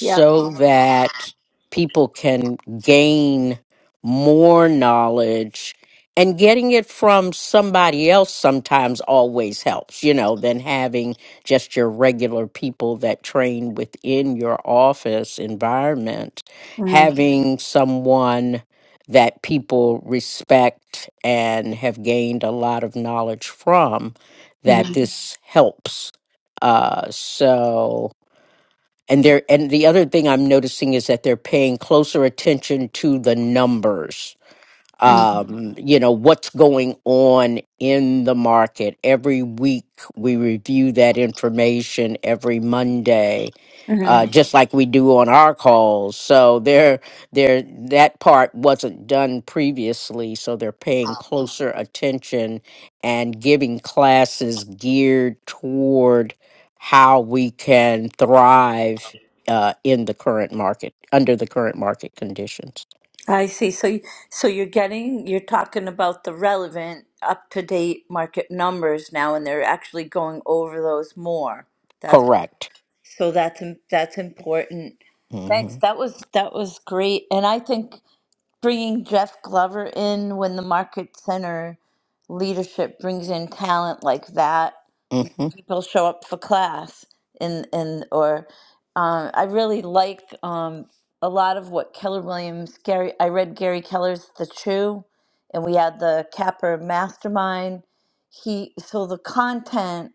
S2: Yeah.
S8: that people can gain more knowledge and getting it from somebody else sometimes always helps you know than having just your regular people that train within your office environment
S2: hmm
S8: having someone that people respect and have gained a lot of knowledge from that
S2: hmm
S8: this helps. Uh, so, and they're and the other thing I'm noticing is that they're paying closer attention to the numbers um, you know, what's going on in the market. Every week we review that information every Monday,
S2: hmm
S8: uh, just like we do on our calls. So there, there, that part wasn't done previously. So they're paying closer attention and giving classes geared toward how we can thrive uh, in the current market under the current market conditions.
S2: I see. So, you- so you're getting, you're talking about the relevant, up to date market numbers now, and they're actually going over those more. That's
S8: Correct.
S2: so that's im- that's important.
S8: Mm-hmm.
S2: Thanks. That was that was great, and I think bringing Jeff Glover in when the market center leadership brings in talent like that. you-
S8: hmm
S2: People show up for class, and and or um, I really like um, a lot of what Keller Williams. Gary, I read Gary Keller's The Chew, and we had the Capper Mastermind. He so the content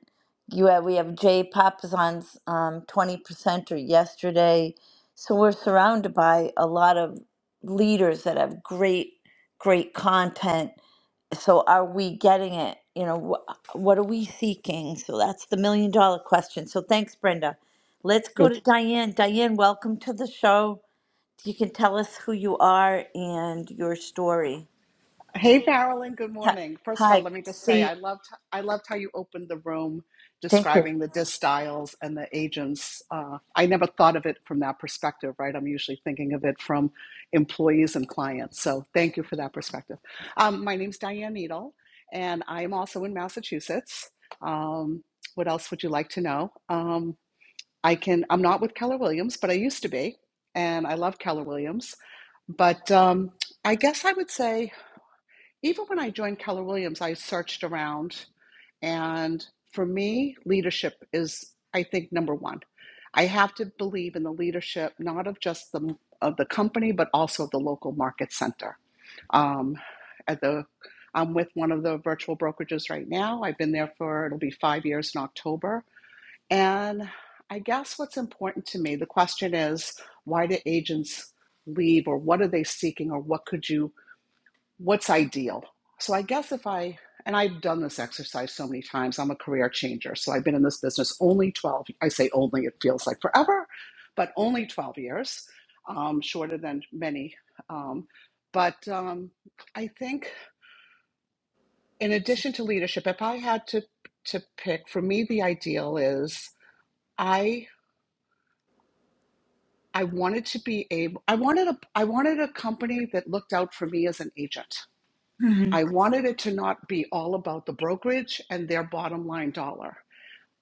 S2: you have. We have Jay Papasan's um, twenty percenter yesterday. So we're surrounded by a lot of leaders that have great great content so are we getting it you know wh- what are we seeking so that's the million dollar question so thanks brenda let's go to diane diane welcome to the show you can tell us who you are and your story
S9: Hey, Marilyn. Good
S2: hi
S9: morning. First of
S2: hi,
S9: all, let me
S2: good to
S9: just
S2: see
S9: say
S2: you
S9: I loved I loved how you opened the room
S2: thank you
S9: describing the distiles and the agents. Uh, I never thought of it from that perspective, right? I'm usually thinking of it from employees and clients. So thank you for that perspective. Um, my name's Diane Needle, and I am also in Massachusetts. Um, what else would you like to know? Um, I can. I'm not with Keller Williams, but I used to be, and I love Keller Williams. But um, I guess I would say. Even when I joined Keller Williams, I searched around. And for me, leadership is, I think, number one. I have to believe in the leadership, not of just the of the company, but also the local market center. Um, at the, I'm with one of the virtual brokerages right now. I've been there for it'll be five years in October. And I guess what's important to me, the question is, why do agents leave, or what are they seeking, or what could you what's ideal. So I guess if I, and I've done this exercise so many times, I'm a career changer. So I've been in this business only 12, I say only, it feels like forever, but only 12 years, um, shorter than many. Um, but um, I think in addition to leadership, if I had to, to pick, for me, the ideal is I, I wanted to be able, I wanted a, I wanted a company that looked out for me as an agent.
S2: Mhm.
S9: I wanted it to not be all about the brokerage and their bottom line dollar.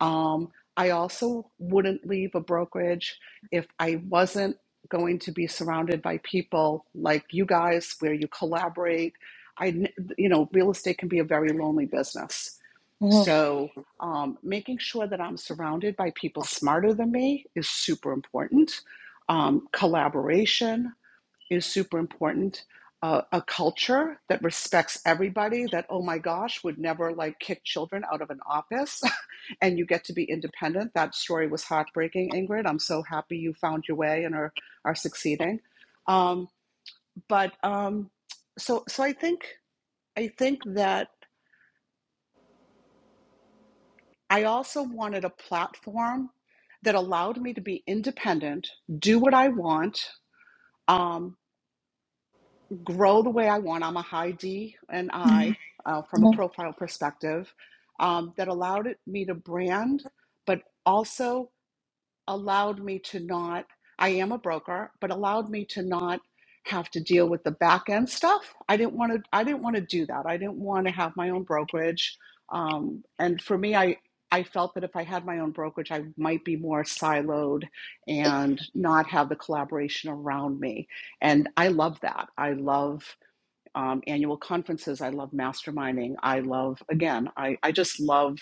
S9: Um, I also wouldn't leave a brokerage if I wasn't going to be surrounded by people like you guys, where you collaborate. I, you know, real estate can be a very lonely business.
S2: Mhm,
S9: So, um, making sure that I'm surrounded by people smarter than me is super important. Um, collaboration, is super important. Uh, a culture that respects everybody, that, oh my gosh, would never like kick children out of an office and you get to be independent. That story was heartbreaking, Ingrid. I'm so happy you found your way and are, are succeeding. Um, but um, so, so I think, I think that I also wanted a platform that allowed me to be independent, do what I want, um, grow the way I want. I'm a high D and
S2: mhm,
S9: I uh, from a profile perspective um, that allowed it- me to brand, but also allowed me to not, I am a broker, but allowed me to not have to deal with the back end stuff. I didn't want to, I didn't want to do that. I didn't want to have my own brokerage. Um, and for me, I, I felt that if I had my own brokerage, I might be more siloed and not have the collaboration around me. And I love that. I love um, annual conferences. I love masterminding. I love, again, I, I just love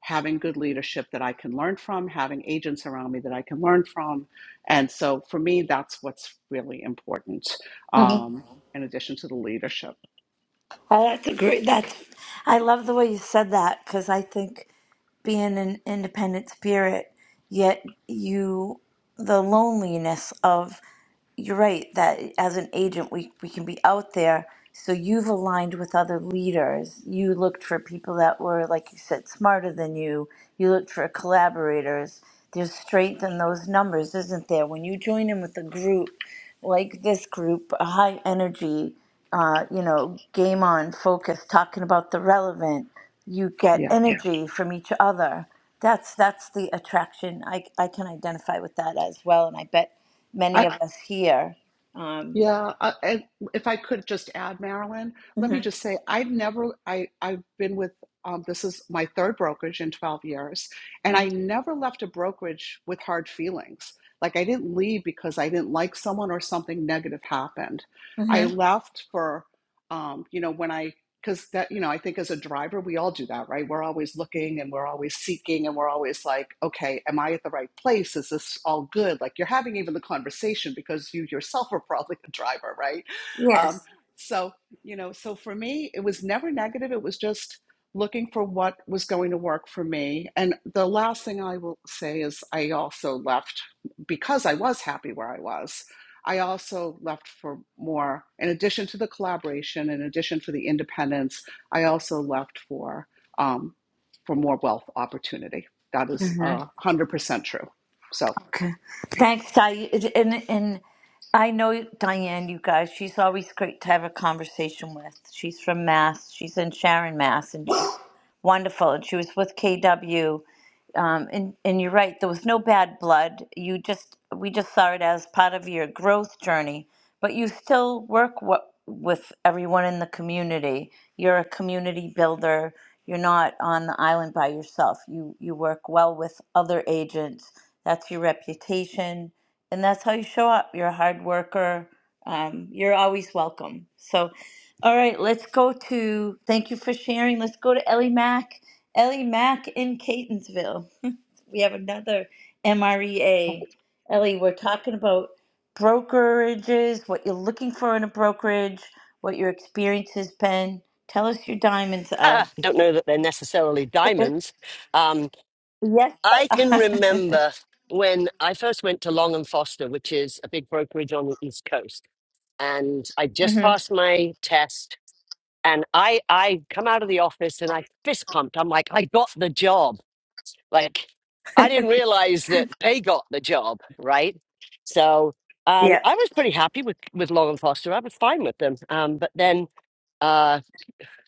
S9: having good leadership that I can learn from, having agents around me that I can learn from. And so for me, that's what's really important
S2: mhm.
S9: um, in addition to the leadership.
S2: Uh, that's a great that's i love the way you said that because i think being an independent spirit, yet you, the loneliness of you're right that as an agent we, we can be out there so you've aligned with other leaders you looked for people that were like you said smarter than you you looked for collaborators there's strength in those numbers isn't there when you join in with a group like this group a high energy uh, you know game on focus talking about the relevant you get
S9: Yeah.
S2: Yeah. energy from each other that's that's the attraction i, I can identify with that as well and i bet many of us here. Um,
S9: Yeah, uh, and if I could just add, Marilyn, let me
S2: Mm-hmm.
S9: just say I've never I I've been with um, this is my third brokerage in 12 years, and I never left a brokerage with hard feelings. Like I didn't leave because I didn't like someone or something negative happened. I
S2: Mm-hmm.
S9: left for um, you know when I because that you know i think as a driver we all do that right we're always looking and we're always seeking and we're always like okay am i at the right place is this all good like you're having even the conversation because you yourself are probably a driver right um,
S2: yes.
S9: so you know so for me it was never negative it was just looking for what was going to work for me and the last thing i will say is i also left because i was happy where i was I also left for more. In addition to the collaboration, in addition for the independence, I also left for um, for more wealth opportunity. That is
S2: hmm
S9: uh, one hundred percent true. So
S2: Okay. Thanks, Diane. And, and I know Diane, you guys, she's always great to have a conversation with. She's from Mass. She's in Sharon, Mass. and she's. wonderful. And she was with KW. Um, and, and you're right, there was no bad blood. You just, we just saw it as part of your growth journey, but you still work w- with everyone in the community. You're a community builder. You're not on the island by yourself. You, you work well with other agents. That's your reputation. And that's how you show up. You're a hard worker. Um, you're always welcome. So. All right, let's go to, thank you for sharing. Let's go to Ellie Mack. Ellie Mack in Catonsville. We have another MREA. Ellie, we're talking about brokerages, what you're looking for in a brokerage, what your experience has been. Tell us your diamonds,
S10: I
S2: Elle.
S10: don't know that they're necessarily diamonds. Um,
S2: Yes, they
S10: I can
S2: are.
S10: remember when I first went to Long and Foster, which is a big brokerage on the East Coast, and I just
S2: mm-hmm.
S10: passed my test, and I I come out of the office and I fist pumped. I'm like, I got the job. Like, I didn't realize that they got the job, right? So. Um,
S2: yep,
S10: I was pretty happy with, with Long and Foster. I was fine with them. Um, but then, uh,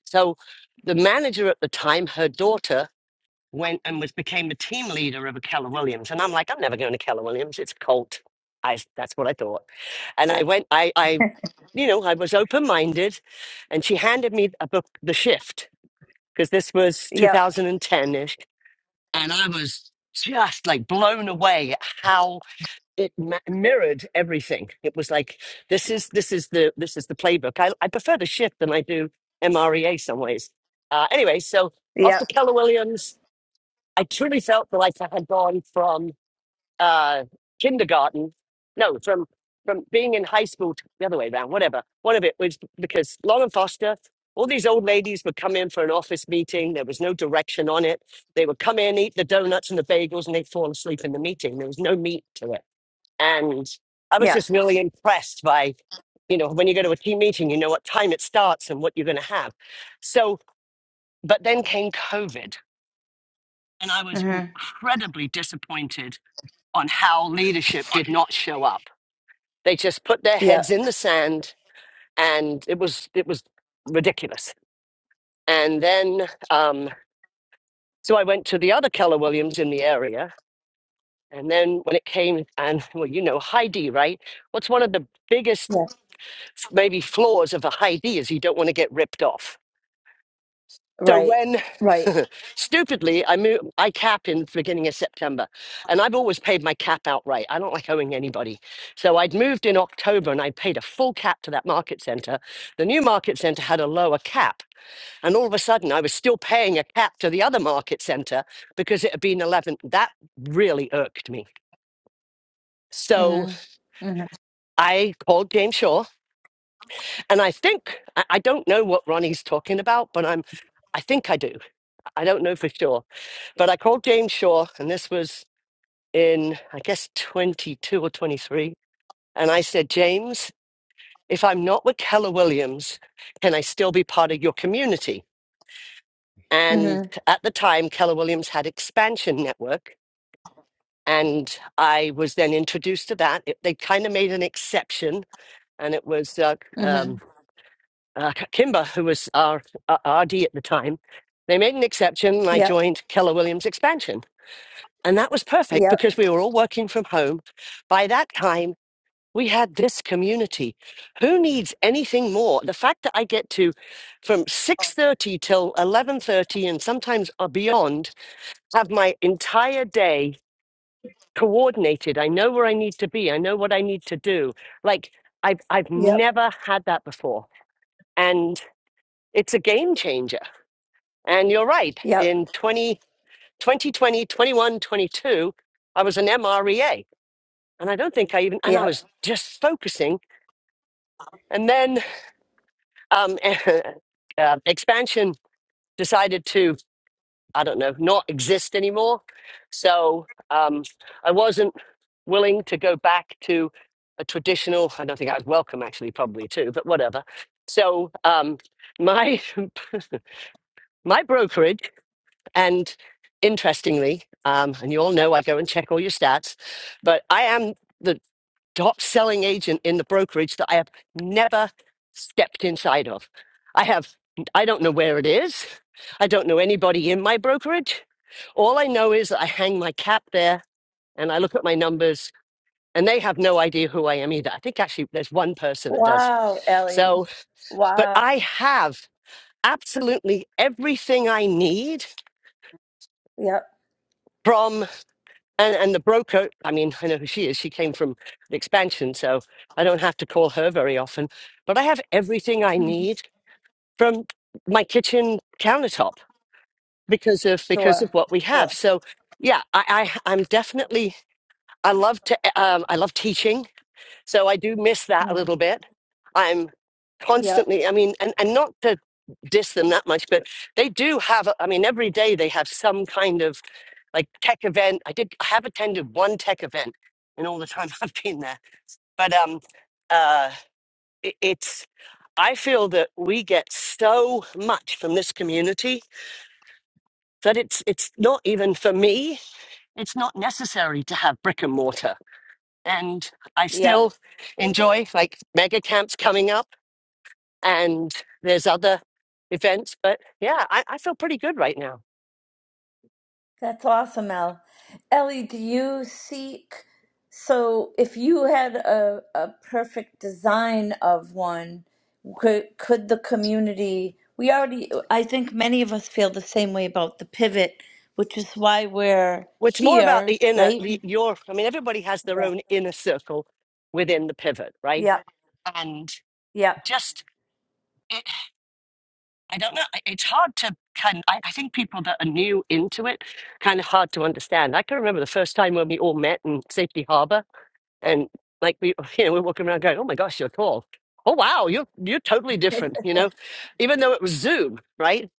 S10: so the manager at the time, her daughter went and was became the team leader of a Keller Williams. And I'm like, I'm never going to Keller Williams. It's a cult. I that's what I thought. And I went, I, I, you know, I was open minded, and she handed me a book, The Shift, because this was
S2: yep,
S10: 2010 ish, and I was just like blown away at how it ma- mirrored everything. It was like this is this is the this is the playbook. I, I prefer The Shift than I do MREA some ways. Uh, anyway, so off
S2: yep,
S10: to Keller Williams I truly felt like I had gone from uh, kindergarten, no, from from being in high school to the other way around, whatever. One of it was because Lauren Foster, all these old ladies would come in for an office meeting. There was no direction on it. They would come in, eat the donuts and the bagels, and they'd fall asleep in the meeting. There was no meat to it. And I was
S2: yep.
S10: just really impressed by, you know, when you go to a team meeting, you know what time it starts and what you're going to have. So, but then came COVID and I was
S2: Mm-hmm.
S10: incredibly disappointed on how leadership did not show up. They just put their heads
S2: Yep,
S10: in the sand and it was it was ridiculous. And then um, so I went to the other Keller Williams in the area. And then when it came and well, you know, Heidi, right? What's one of the biggest
S2: yep,
S10: maybe flaws of a Heidi is you don't want to get ripped off So
S2: right,
S10: when
S2: right.
S10: stupidly I move, I cap in the beginning of September, and I've always paid my cap outright. I don't like owing anybody. So I'd moved in October, and I paid a full cap to that market center. The new market center had a lower cap, and all of a sudden I was still paying a cap to the other market center because it had been 11. That really irked me. So
S2: Mm-hmm. Mm-hmm.
S10: I called James Shaw, and I think I I don't know what Ronnie's talking about, but I'm I think I do. I don't know for sure, but I called James Shaw, and this was in, I guess, 22 or 23. And I said, James, if I'm not with Keller Williams, can I still be part of your community? And
S2: Mm-hmm.
S10: at the time, Keller Williams had Expansion Network. And I was then introduced to that. It, they kind of made an exception. And it was uh,
S2: Mm-hmm.
S10: um, uh, Kimber, who was our uh, RD at the time. They made an exception, and I
S2: Yep.
S10: joined Keller Williams Expansion And that was perfect
S2: Yep.
S10: because we were all working from home. By that time, we had this community. Who needs anything more? The fact that I get to from 6:30 till 11:30 and sometimes uh, beyond have my entire day coordinated. I know where I need to be. I know what I need to do. Like I've I've
S2: Yep.
S10: never had that before. And it's a game changer. And you're right. In
S2: Yep.
S10: twenty twenty twenty twenty one twenty two, I was an MREA and I don't think I even and I
S2: Yep.
S10: was just focusing, and then um, uh, expansion decided to I don't know not exist anymore, so um, I wasn't willing to go back to a traditional. I don't think I was welcome actually, probably too, but whatever. So um, my my brokerage and interestingly, um, and you all know I go and check all your stats, but I am. the. top selling agent in the brokerage that I have never stepped inside of. I have, I don't know where it is. I don't know anybody in my brokerage. All I know is that I hang my cap there and I look at my numbers and they have no idea who I am either. I think actually there's one person that does.
S2: Wow, Ellie.
S10: So, but
S2: Wow.
S10: I have absolutely everything I need
S2: Yep.
S10: from. And and the broker, I mean, I know who she is. She came from the expansion, so I don't have to call her very often. But I have everything I
S2: Mhm.
S10: need from my kitchen countertop because of because of
S2: Sure.
S10: what we have.
S2: Sure.
S10: So yeah, I, I I'm definitely I love to um, I love teaching, so I do miss that a
S2: hmm
S10: little bit. I'm
S2: Yep.
S10: constantly, I mean, and and not to diss them that much, but they do have. I mean, every day they have some kind of like tech event. I did I have attended one tech event in all the time I've been there. But um uh it, it's I feel that we get so much from this community that it's it's not even for me, it's not necessary to have brick and mortar. And I
S2: Yep.
S10: still enjoy like mega camps coming up and there's other events, but yeah, I, I feel pretty good right now.
S2: That's awesome, El. Ellie, do you seek? So, if you had a, a perfect design of one, could, could the community? We already, I think many of us feel the same way about the pivot, which is why we're
S10: Well, it's more about the
S2: here,
S10: inner,
S2: right?
S10: the,
S2: We-
S10: your, I mean, everybody has their
S2: Yeah.
S10: own inner circle within the pivot, right?
S2: Yep.
S10: And
S2: Yep.
S10: just, it, I don't know, I- it's hard to kind I, I think people that are new into it, kind of hard to understand. I can remember the first time when we all met in Safety Harbor and like we, you know, we're walking around going, oh my gosh, you're tall. Oh, wow, you're, you're totally different, you know, even though it was Zoom, right?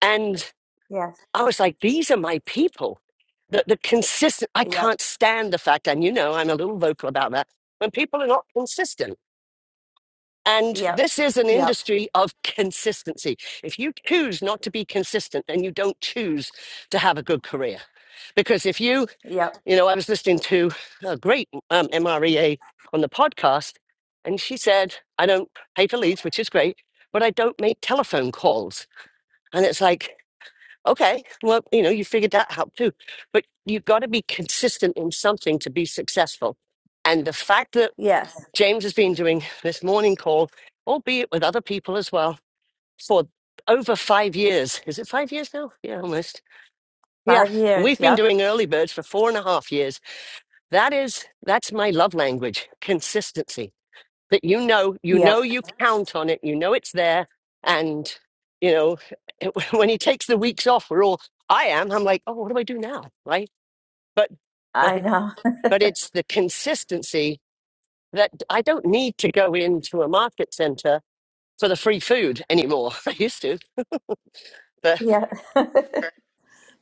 S10: And.
S2: Yes.
S10: I was like, these are my people. The, the consistent, I
S2: Yep.
S10: can't stand the fact, and you know, I'm a little vocal about that, when people are not consistent. And
S2: Yep.
S10: this is an
S2: Yep.
S10: industry of consistency. If you choose not to be consistent, then you don't choose to have a good career. Because if you,
S2: Yep.
S10: you know, I was listening to a great um, MREA on the podcast, and she said, I don't pay for leads, which is great, but I don't make telephone calls. And it's like, Okay, well, you know, you figured that out too. But you've got to be consistent in something to be successful. And the fact that
S2: Yes.
S10: James has been doing this morning call, albeit with other people as well, for over five years. Is it five years now? Yeah, almost. Yeah.
S2: Five
S10: And
S2: years.
S10: we've been
S2: Yep.
S10: doing early birds for four and a half years. That is, that's my love language, consistency that you know you know
S2: Yep.
S10: you count on it you know it's there and you know when he takes the weeks off we're all i am i'm like oh what do i do now right but
S2: I
S10: but
S2: know.
S10: it's the consistency that i don't need to go into a market center for the free food anymore i used to but.
S2: Yeah.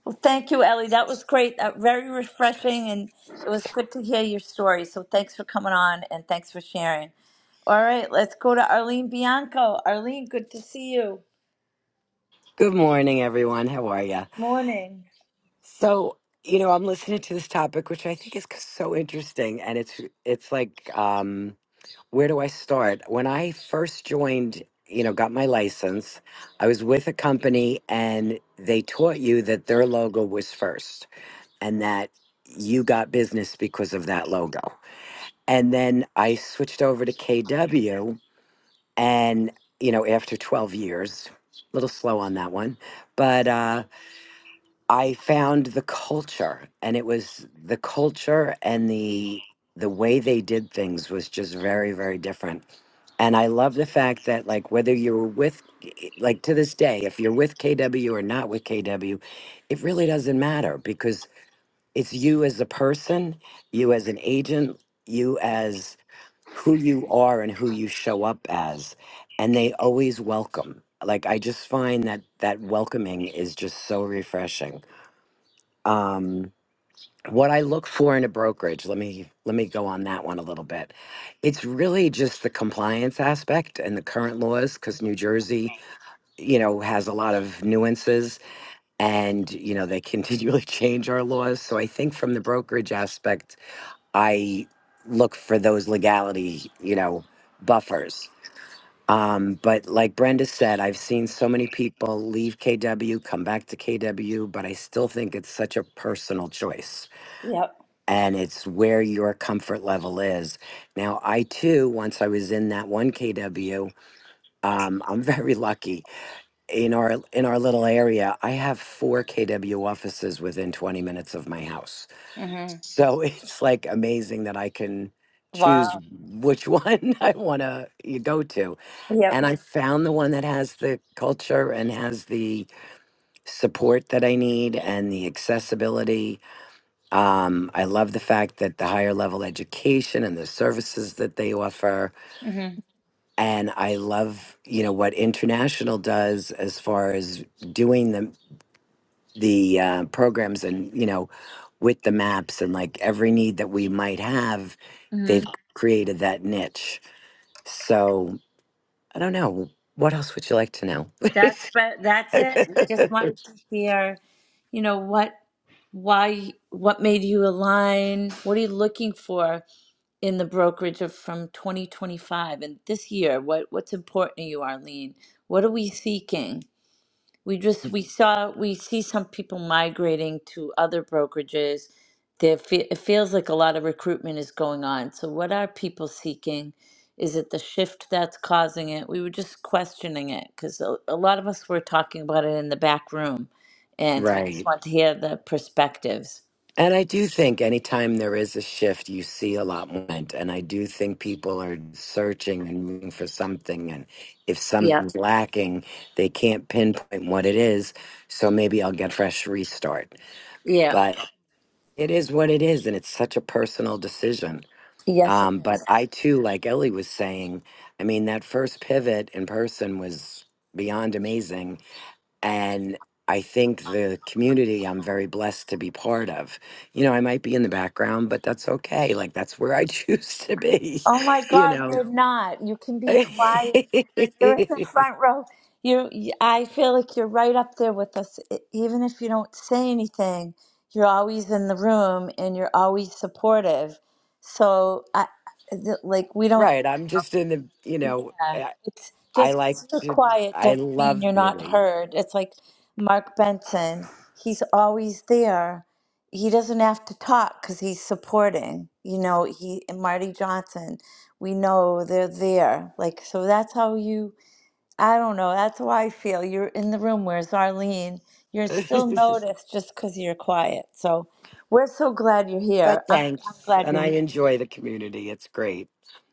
S2: Well, thank you, Ellie. That was great. Uh, very refreshing, and it was good to hear your story. So thanks for coming on, and thanks for sharing. All right, let's go to Arlene Bianco. Arlene, good to see you.
S11: Good morning, everyone. How are you?
S2: Morning.
S11: So, you know, I'm listening to this topic, which I think is c- so interesting, and it's it's like, um, where do I start? When I first joined, you know, got my license, I was with a company, and they taught you that their logo was first, and that you got business because of that logo. And then I switched over to KW, and you know, after 12 years, a little slow on that one, but. uh I found the culture and it was the culture and the the way they did things was just very very different. And I love the fact that like whether you were with eh, like to this day if you're with KW or not with KW, it really doesn't matter because it's you as a person, you as an agent, you as who you are and who you show up as and they always welcome. Like I just find that that welcoming is just so refreshing um, what I look for in a brokerage. Let me let me go on that one a little bit. It's really just the compliance aspect and the current laws because New Jersey, you know, has a lot of nuances and you know they continually change our laws. So I think from the brokerage aspect, I look for those legality, you know, buffers. Um, but like Brenda said, I've seen so many people leave KW, come back to KW, but I still think it's such a personal choice
S2: Yep.
S11: and it's where your comfort level is. Now, I too, once I was in that one KW, um, I'm very lucky in our in our little area. I have four KW offices within 20 minutes of my house,
S2: hmm
S11: so it's like amazing that I can choose
S2: Wow.
S11: which one I want to go to. And
S2: Yep.
S11: I found the one that has the culture and has the support that I need and the accessibility um, I love the fact that the higher level education and the services that they offer.
S2: hmm
S11: And I love, you know, what international does as far as doing the the uh, programs and you know, with the maps and like every need that we might have, they've created that niche. So I don't know. What else would you like to know?
S2: That's but that's it. We just wanted to hear, you know, what why what made you align? What are you looking for in the brokerage of from 2025 and this year? What what's important to you, Arlene? What are we seeking? we just we saw we see some people migrating to other brokerages there fe- it feels like a lot of recruitment is going on so what are people seeking is it the shift that's causing it we were just questioning it because a, a lot of us were talking about it in the back room and so we
S11: Right.
S2: just want to hear the perspectives
S11: And I do think anytime there is a shift, you see a lot more. movement. And I do think people are searching and looking for something. And if
S2: yeah
S11: something's lacking, they can't pinpoint what it is. So maybe I'll get a fresh restart.
S2: yeah
S11: But it is what it is. And it's such a personal decision.
S2: yes
S11: Um, but I too, like Ellie was saying, I mean, that first pivot in person was beyond amazing and I think the community I'm very blessed to be part of. You know, I might be in the background, but that's okay. Like that's where I choose to be,
S2: oh my
S11: you
S2: god
S11: know.
S2: you're not you can be quiet. You're in the front row. You, you- I feel like you're right up there with us. E- Even if you don't say anything, you're always in the room and you're always supportive. So, I, th- like, we don't,
S11: right, I'm just in the, you know,
S2: yeah,
S11: I,
S2: it's
S11: I
S2: just
S11: like
S2: 'cause you're
S11: to
S2: quiet
S11: I
S2: doesn't mean
S11: love
S2: you're not
S11: community.
S2: heard. It's like Mark Benson, he's always there. He doesn't have to talk because he's supporting. You know, he and Marty Johnson, we know they're there. Like, so that's how you I don't know. That's how I feel. You're in the room. Where's Arlene? You're still noticed just because you're quiet. So we're so glad you're
S11: but
S2: here. I'm, I'm
S11: thanks,
S2: glad
S11: and
S2: you're
S11: I
S2: here.
S11: enjoy the community. It's great.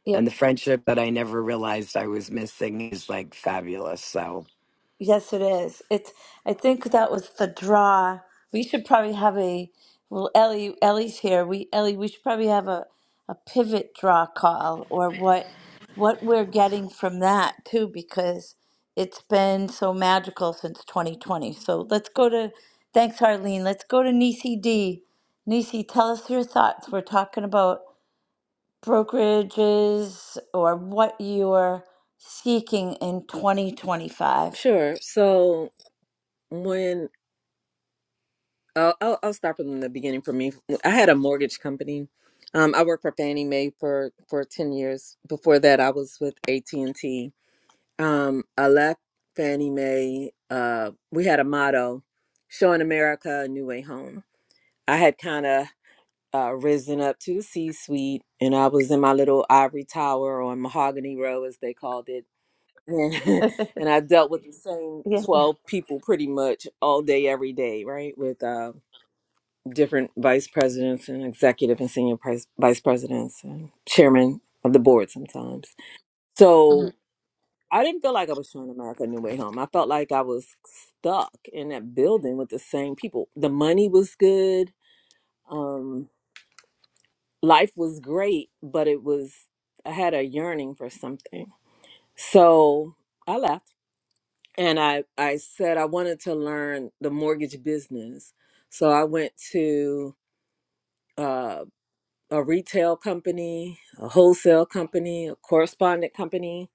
S2: Yep.
S11: And the friendship that I never realized I was missing is like fabulous. So,
S2: Yes, it is. It's. I think that was the draw. We should probably have a. Well, Ellie, Ellie's here. We Ellie, we should probably have a a pivot draw call or what what we're getting from that too because it's been so magical since 2020. So let's go to. Thanks, Harleen. Let's go to Nisi D. Nisi, tell us your thoughts. We're talking about brokerages or what you're seeking in 2025.
S12: Sure. So when uh, I'll I'll start from the beginning for me. Well, I had a mortgage company. Um, I worked for Fannie Mae for for ten years. Before that, I was with AT and T. Um, I left Fannie Mae. Uh, we had a motto, "Showing America a New Way Home." I had kind of uh, risen up to the C suite, and I was in my little ivory tower on Mahogany Row, as they called it and and I dealt with the same
S2: Yeah.
S12: 12 people pretty much all day, every day, right? With uh, different vice presidents and executive and senior pres- vice presidents and chairman of the board sometimes. So I didn't feel like I was showing America a new way home. I felt like I was stuck in that building with the same people. The money was good, um, life was great, but it was, I had a yearning for something. So I left and I I said I wanted to learn the mortgage business. So I went to uh, a retail company, a wholesale company, a correspondent company,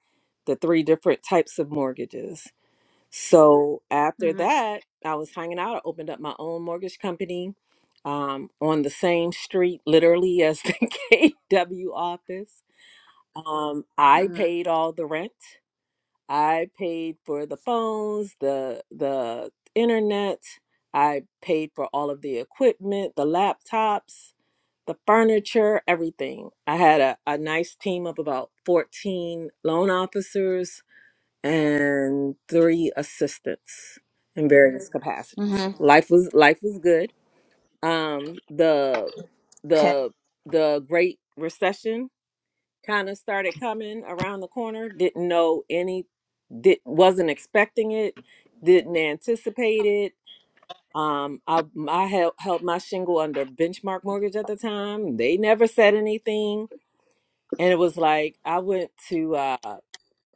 S12: the three different types of mortgages. So after
S2: Mhm.
S12: that, I was hanging out. I opened up my own mortgage company um, on the same street, literally as the KW office. Um, I
S2: Mhm.
S12: paid all the rent. I paid for the phones, the the internet. I paid for all of the equipment, the laptops, the furniture, everything. I had a, a nice team of about 14 loan officers and three assistants in various Mhm. capacities.
S2: Mhm.
S12: Life was life was good. Um the
S2: Okay.
S12: the the Great Recession kind of started coming around the corner didn't know any did wasn't expecting it didn't anticipate it um i i held, held my shingle under benchmark mortgage at the time they never said anything and it was like i went to uh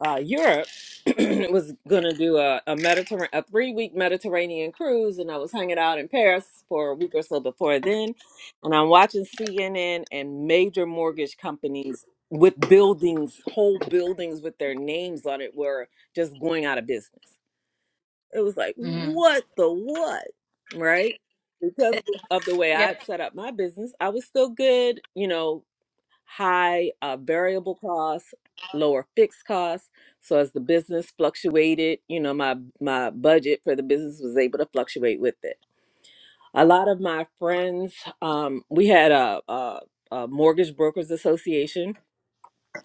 S12: uh, Europe was gonna do a, a Mediterranean a three week Mediterranean cruise, and I was hanging out in Paris for a week or so before then, and I'm watching CNN and major mortgage companies with buildings, whole buildings with their names on it, were just going out of business. It was like
S2: Mhm.
S12: what the what, right? Because of the way I
S2: Yep.
S12: had set up my business, I was still good, you know, high uh, variable costs, lower fixed costs. So as the business fluctuated, you know, my my budget for the business was able to fluctuate with it. A lot of my friends, um, we had a, a, a mortgage brokers association,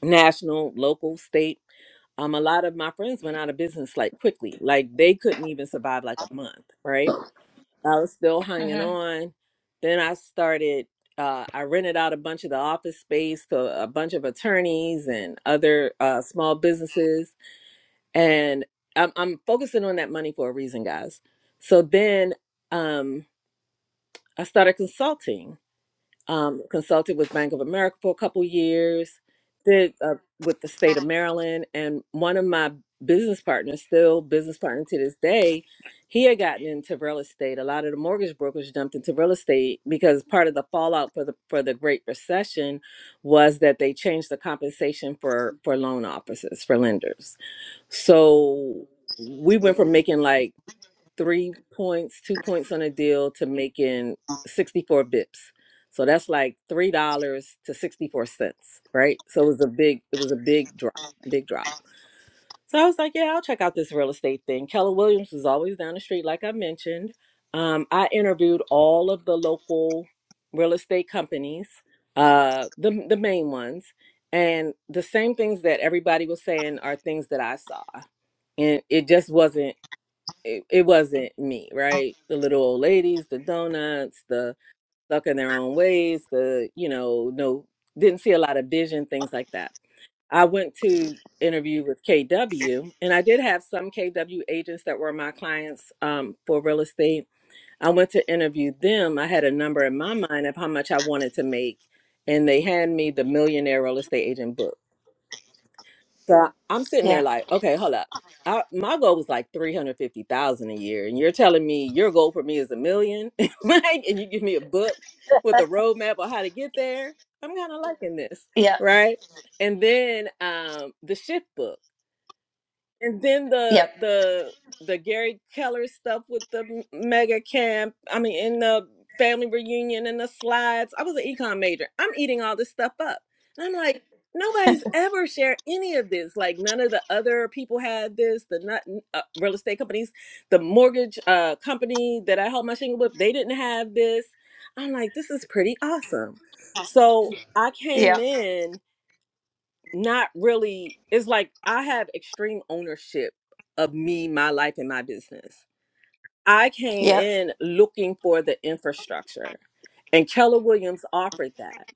S12: national, local, state. Um, a lot of my friends went out of business like quickly, like they couldn't even survive like a month, right? I was still hanging
S2: Mhm.
S12: on. Then I started, uh, I rented out a bunch of the office space to a bunch of attorneys and other uh, small businesses. And I'm, I'm focusing on that money for a reason, guys. So then um, I started consulting um, consulted with Bank of America for a couple years, did uh, with the state of Maryland, and one of my business partners, still business partner to this day, he had gotten into real estate. A lot of the mortgage brokers jumped into real estate because part of the fallout for the for the Great Recession was that they changed the compensation for for loan officers for lenders. So we went from making like three points, two points on a deal to making 64 bips. So that's like three dollars to 64 cents, right? So it was a big, it was a big drop, big drop. So I was like, yeah, I'll check out this real estate thing. Keller Williams was always down the street, like I mentioned. Um, I interviewed all of the local real estate companies, uh, the the main ones, and the same things that everybody was saying are things that I saw, and it just wasn't it, it wasn't me, right? The little old ladies, the donuts, the stuck in their own ways, the, you know, no, didn't see a lot of vision, things like that. I went to interview with KW and I did have some KW agents that were my clients um, for real estate. I went to interview them. I had a number in my mind of how much I wanted to make. And they had me the millionaire real estate agent book. So I- I'm sitting there
S2: Yeah.
S12: like, okay, hold up. I, my goal was like three hundred fifty thousand a year, and you're telling me your goal for me is a million, right? And you give me a book with a roadmap on how to get there. I'm kind of liking this, right? And then um, the shift book and then the the the Gary Keller stuff with the m- mega camp. I mean, in the family reunion and the slides. I was an econ major. I'm eating all this stuff up, and I'm like, nobody's ever shared any of this. Like none of the other people had this. The not uh, real estate companies, the mortgage uh, company that I held my shingle with, they didn't have this. I'm like, this is pretty awesome. So I came
S2: Yep.
S12: in not really it's like i have extreme ownership of me my life and my business i came
S2: Yep.
S12: in looking for the infrastructure and keller williams offered that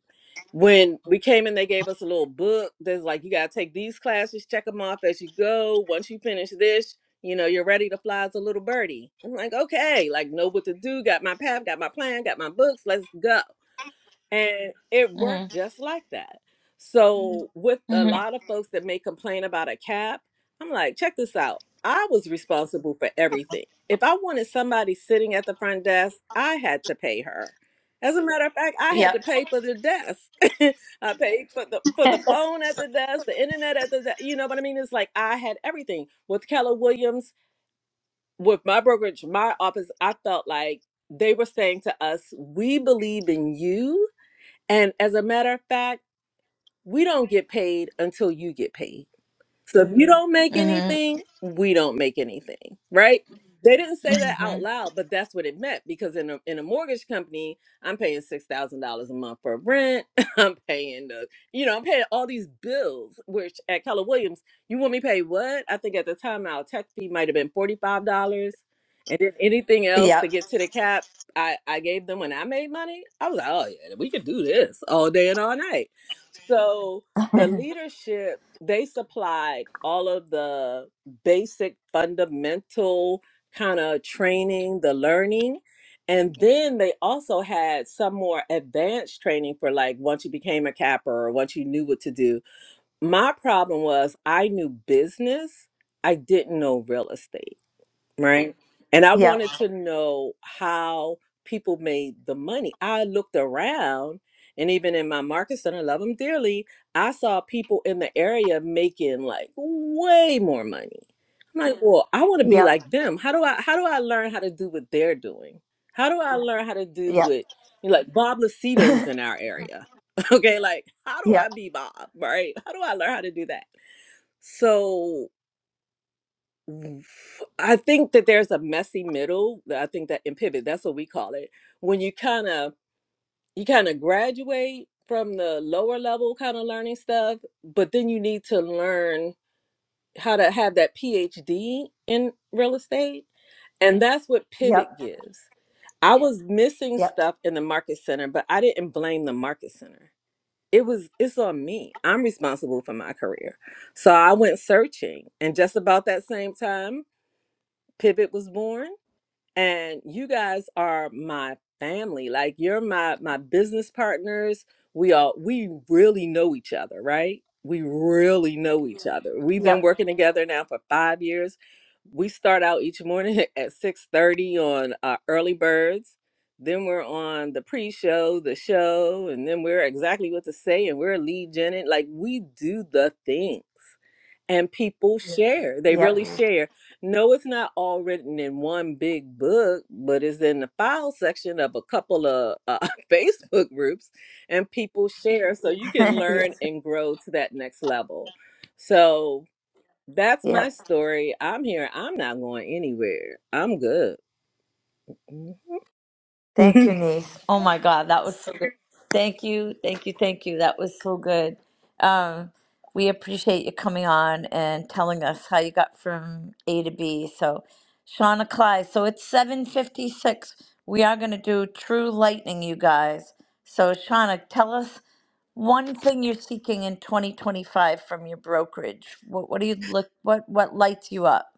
S12: when we came in they gave us a little book that's like you got to take these classes check them off as you go once you finish this you know you're ready to fly as a little birdie i'm like okay like know what to do got my path got my plan got my books let's go and it
S2: Mhm.
S12: worked just like that. So, with a
S2: Mhm.
S12: lot of folks that may complain about a cap, I'm like, check this out. I was responsible for everything. If I wanted somebody sitting at the front desk, I had to pay her. As a matter of fact, I had
S2: Yep.
S12: to pay for the desk. I paid for the for the phone at the desk, the internet at the desk. You know what I mean? It's like I had everything. With Keller Williams, with my brokerage, my office, I felt like they were saying to us, "We believe in you." And as a matter of fact, we don't get paid until you get paid. So if you don't make
S2: Mhm.
S12: anything, we don't make anything, right? They didn't say that out
S2: Mhm.
S12: loud, but that's what it meant because in a in a mortgage company, I'm paying six thousand dollars a month for rent. I'm paying the, you know, I'm paying all these bills. Which at Keller Williams, you want me to pay what? I think at the time our tech fee might have been forty five dollars, and then anything else to
S2: Yep.
S12: get to the cap, I I gave them when I made money. I was like, oh yeah, we could do this all day and all night. So the leadership they supplied all of the basic fundamental kind of training, the learning. And then they also had some more advanced training for like once you became a capper or once you knew what to do. My problem was I knew business, I didn't know real estate right? And I
S2: Yep.
S12: wanted to know how people made the money. I looked around, and even in my markets, and I love them dearly, I saw people in the area making like way more money. I'm like, Mhm. well, I want to be
S2: Yep.
S12: like them. How do I? How do I learn how to do what they're doing? How do I Mhm. learn how to do
S2: Yep.
S12: what you know, like Bob Lucido's in our area? Okay, like how do
S2: Yep.
S12: I be Bob? Right? How do I learn how to do that? So w- I think that there's a messy middle. that I think that in pivot, that's what we call it. When you kind of you kind of graduate from the lower level kind of learning stuff, but then you need to learn how to have that PhD in real estate, and that's what
S2: Yep.
S12: pivot gives. I Yeah. was missing
S2: Yep.
S12: stuff in the market center, but I didn't blame the market center. It was it's on me. I'm responsible for my career. So I went searching and just about that same time Pivot was born, and you guys are my family. Like you're my my business partners. We all we really know each other, right? We really know each other. We've been
S2: Yep.
S12: working together now for five years. We start out each morning at six thirty on uh, early birds. Then we're on the pre-show, the show, and then we're exactly what to say, and we're lead gen Like we do the things and people Yeah. share they really
S2: Yep.
S12: share no it's not all written in one big book but it's in the file section of a couple of uh, facebook groups and people share so you can learn
S2: yes.
S12: and grow to that next level so that's
S2: Yep.
S12: my story i'm here i'm not going anywhere i'm good
S2: Thank you, niece. Oh my God, that was so good. Thank you, thank you, thank you. That was so good. Um, we appreciate you coming on and telling us how you got from A to B. So, Shauna Cly. So it's seven fifty six. We are going to do True Lightning, you guys. So, Shauna, tell us one thing you're seeking in 2025 from your brokerage. What What do you look? What What lights you up?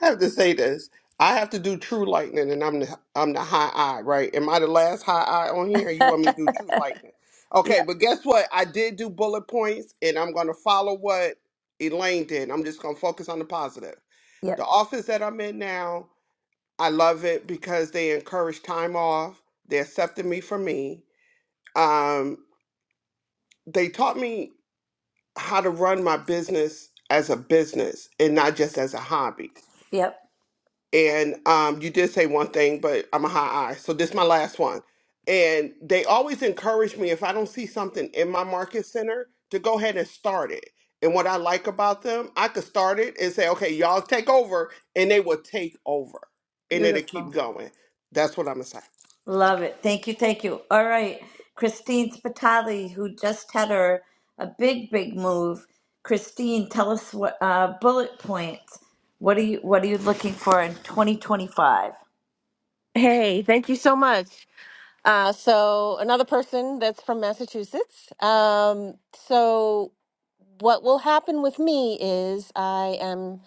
S13: I have to say this. I have to do True Lightning, and I'm the I'm the high eye, right? Am I the last high eye on here? Or You want me to do True Lightning? Okay,
S2: Yep,
S13: but guess what? I did do bullet points, and I'm gonna follow what Elaine did. I'm just gonna focus on the positive.
S2: yep,
S13: The office that I'm in now, I love it because they encourage time off. They accepted me for me. Um, they taught me how to run my business as a business and not just as a hobby
S2: yep.
S13: and um, you did say one thing, but I'm a high eye, so this is my last one. And they always encourage me if I don't see something in my market center to go ahead and start it. And what I like about them, I could start it and say, "Okay, y'all take over," and they will take over, and it'll keep
S2: Beautiful.
S13: going. That's what I'm gonna say.
S2: Love it. Thank you. Thank you. All right. Christine Spitali, who just had her a big, big move. Christine, tell us what uh, bullet points. What are you What are you looking for in 2025?
S14: Hey, thank you so much. Uh, so another person that's from Massachusetts. Um, so what will happen with me is I am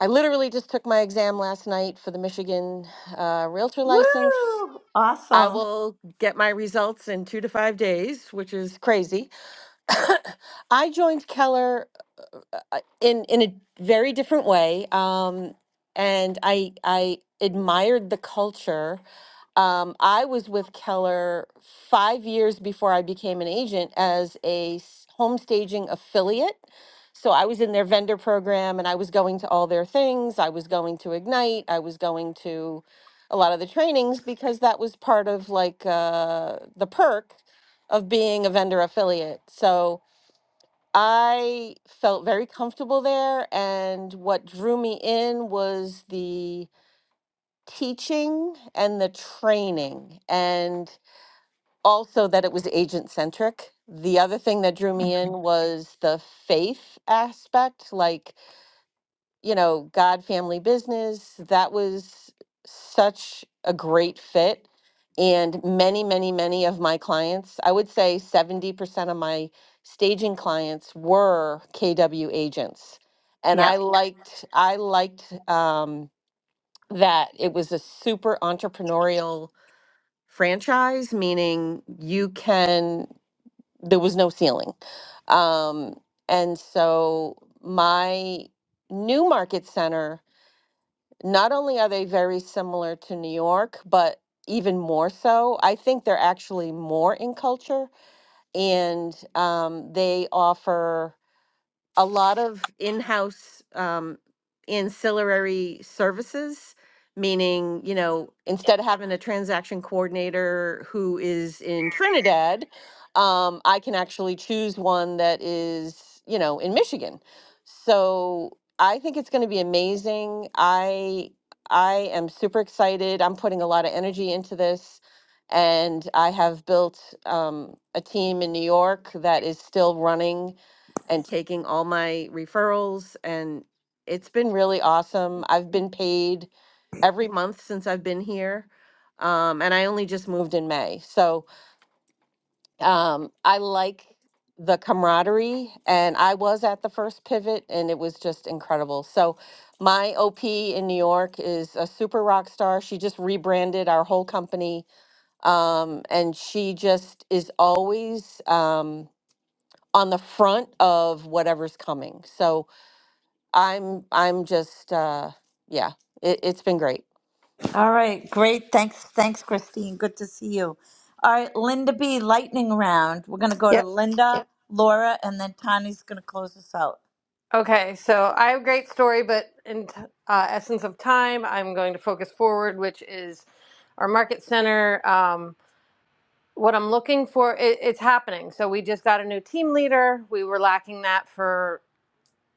S14: I literally just took my exam last night for the Michigan uh, realtor
S2: Woo!
S14: license. I
S2: Awesome.
S14: will get my results in two to five days, which is crazy. I joined Keller uh, in in a very different way. Um, and I I admired the culture. Um, I was with Keller five years before I became an agent as a s- home staging affiliate. So I was in their vendor program and I was going to all their things. I was going to Ignite. I was going to a lot of the trainings because that was part of like uh, the perk of being a vendor affiliate. So I felt very comfortable there, and what drew me in was the teaching and the training, and also that it was agent centric. The other thing that drew me in
S2: Mhm.
S14: was the faith aspect. Like, you know, God Family Business. That was such a great fit. And many, many, many of my clients, I would say 70% of my staging clients were KW agents. And I
S2: Yep.
S14: liked, I liked um, that it was a super entrepreneurial franchise, meaning you can, there was no ceiling. Um, and so my new market center not only are they very similar to New York, but even more so, I think they're actually more in culture and um, they offer a lot of in-house um, ancillary services meaning you know instead of having a transaction coordinator who is in trinidad um, i can actually choose one that is you know in michigan so i think it's going to be amazing i i am super excited i'm putting a lot of energy into this and i have built um, a team in new york that is still running and taking all my referrals and it's been really awesome. I've been paid every month since I've been here. Um, and I only just moved in May. So um, I like the camaraderie and I was at the first pivot and it was just incredible. So my OP in New York is a super rock star. She just rebranded our whole company. Um, and she just is always um, on the front of whatever's coming. So I'm I'm just uh yeah, it, it's been great.
S2: All right. Great. Thanks. Thanks, Christine. Good to see you. All right, Linda B. Lightning round. We're gonna go to
S15: Yep.
S2: Linda, Laura, and then Tani's gonna close us out.
S15: Okay. So I have a great story, but in t- uh, essence of time, I'm going to focus forward, which is our market center. Um, what I'm looking for, it, it's happening. So we just got a new team leader. We were lacking that for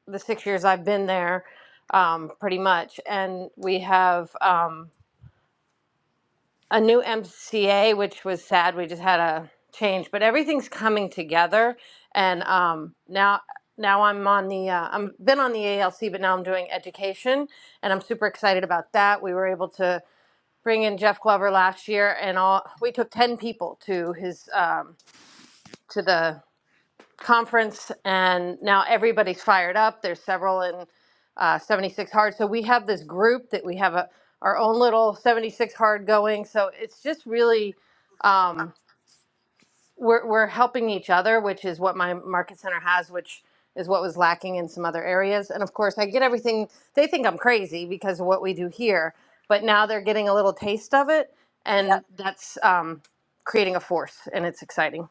S15: the six years I've been there, um, pretty much. And we have. Um, a new MCA, which was sad. We just had a change, but everything's coming together. And um, now, now I'm on the. Uh, I'm been on the ALC, but now I'm doing education, and I'm super excited about that. We were able to bring in Jeff Glover last year, and all we took ten people to his um, to the conference, and now everybody's fired up. There's several in uh, 76 Hard. So we have this group that we have a, our own little 76 Hard going. So it's just really, um, we're, we're helping each other, which is what my market center has, which is what was lacking in some other areas. And of course, I get everything, they think I'm crazy because of what we do here, but now they're getting a little taste of it.
S2: Yep.
S15: And that's um, creating a force, and it's exciting.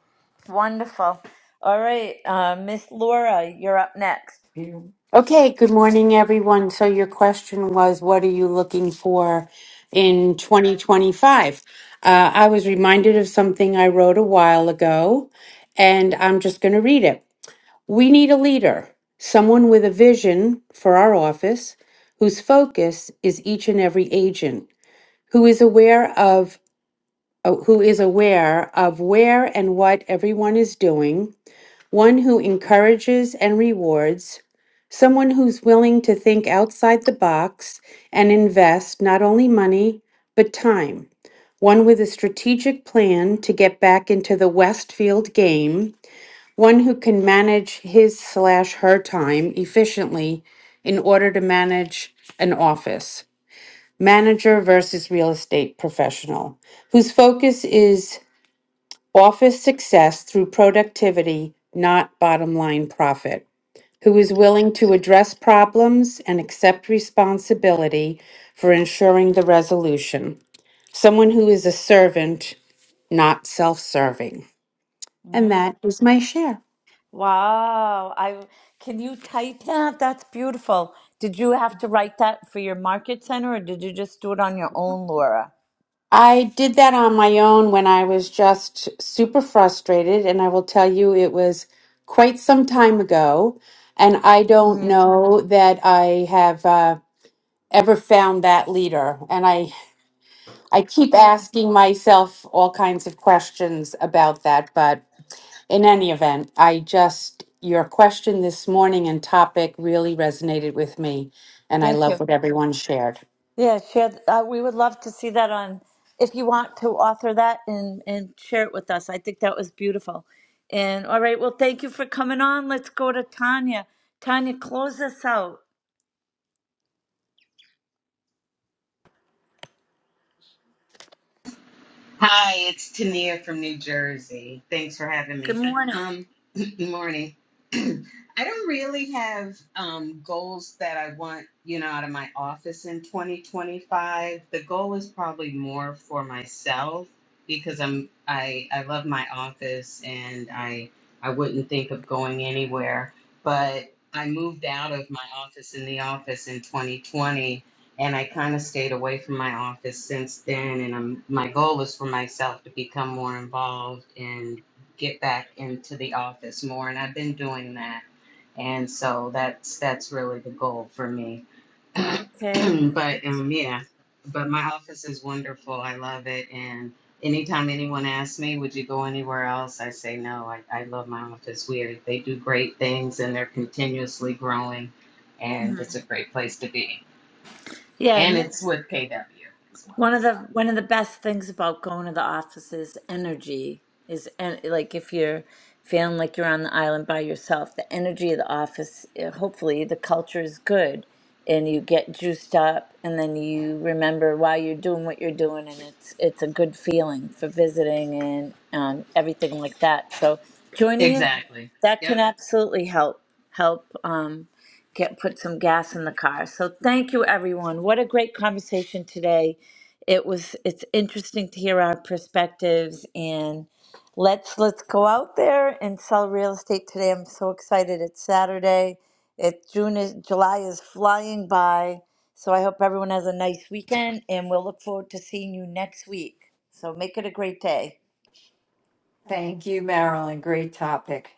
S2: Wonderful. All right, uh, Miss Laura, you're up next.
S16: Yeah. Okay, good morning, everyone. So your question was, what are you looking for in 2025? Uh, I was reminded of something I wrote a while ago, and I'm just going to read it. We need a leader, someone with a vision for our office, whose focus is each and every agent, who is aware of uh, who is aware of where and what everyone is doing one who encourages and rewards, someone who's willing to think outside the box and invest not only money, but time, one with a strategic plan to get back into the Westfield game, one who can manage his slash her time efficiently in order to manage an office. Manager versus real estate professional, whose focus is office success through productivity, not bottom line profit, who is willing to address problems and accept responsibility for ensuring the resolution, someone who is a servant, not self serving. And
S2: Mm.
S16: that is my share.
S2: Wow, I can you type that? That's beautiful. Did you have to write that for your market center, or did you just do it on your own, Laura?
S16: I did that on my own when I was just super frustrated, and I will tell you it was quite some time ago. And I don't
S2: hmm
S16: know that I have uh, ever found that leader. And I I keep
S2: Oh,
S16: asking myself all kinds of questions about that, but in any event, I just, your question this morning and topic really resonated with me, and I
S2: thank
S16: love
S2: you.
S16: what everyone shared.
S2: Yeah, share. th- Uh, we would love to see that on. If you want to author that and and share it with us, I think that was beautiful. And all right, well, thank you for coming on. Let's go to Tanya. Tanya, close us out.
S17: Hi, it's Tania from New Jersey. Thanks for having
S2: Good
S17: me.
S2: morning.
S17: Um, good morning. I don't really have um, goals that I want, you know, out of my office in 2025. The goal is probably more for myself because I'm I I love my office and I I wouldn't think of going anywhere. But I moved out of my office in the office in 2020 and I kind of stayed away from my office since then. And I'm, my goal is for myself to become more involved and get back into the office more. And I've been doing that, and so that's that's really the goal for me.
S2: Okay.
S17: but um, yeah, but my office is wonderful. I love it, and anytime anyone asks me, "Would you go anywhere else?" I say no. I, I love my office. We are, they do great things, and they're continuously growing, and it's a great place to be
S2: Yeah, I
S17: and
S2: missed.
S17: it's with KW as well.
S2: One of
S17: So
S2: the one of the best things about going to the office is energy is and like if you're feeling like you're on the island by yourself, the energy of the office, eh, hopefully the culture is good and you get juiced up and then you remember why you're doing what you're doing and it's it's a good feeling for visiting and um, everything like that. So joining it
S17: exactly.
S2: that
S17: Yep.
S2: can absolutely help help um, get put some gas in the car. So thank you everyone. What a great conversation today it was it's interesting to hear our perspectives and let's let's go out there and sell real estate today i'm so excited it's saturday it june is july is flying by so i hope everyone has a nice weekend and we'll look forward to seeing you next week so make it a great day
S1: Thank you, Marilyn. Great topic.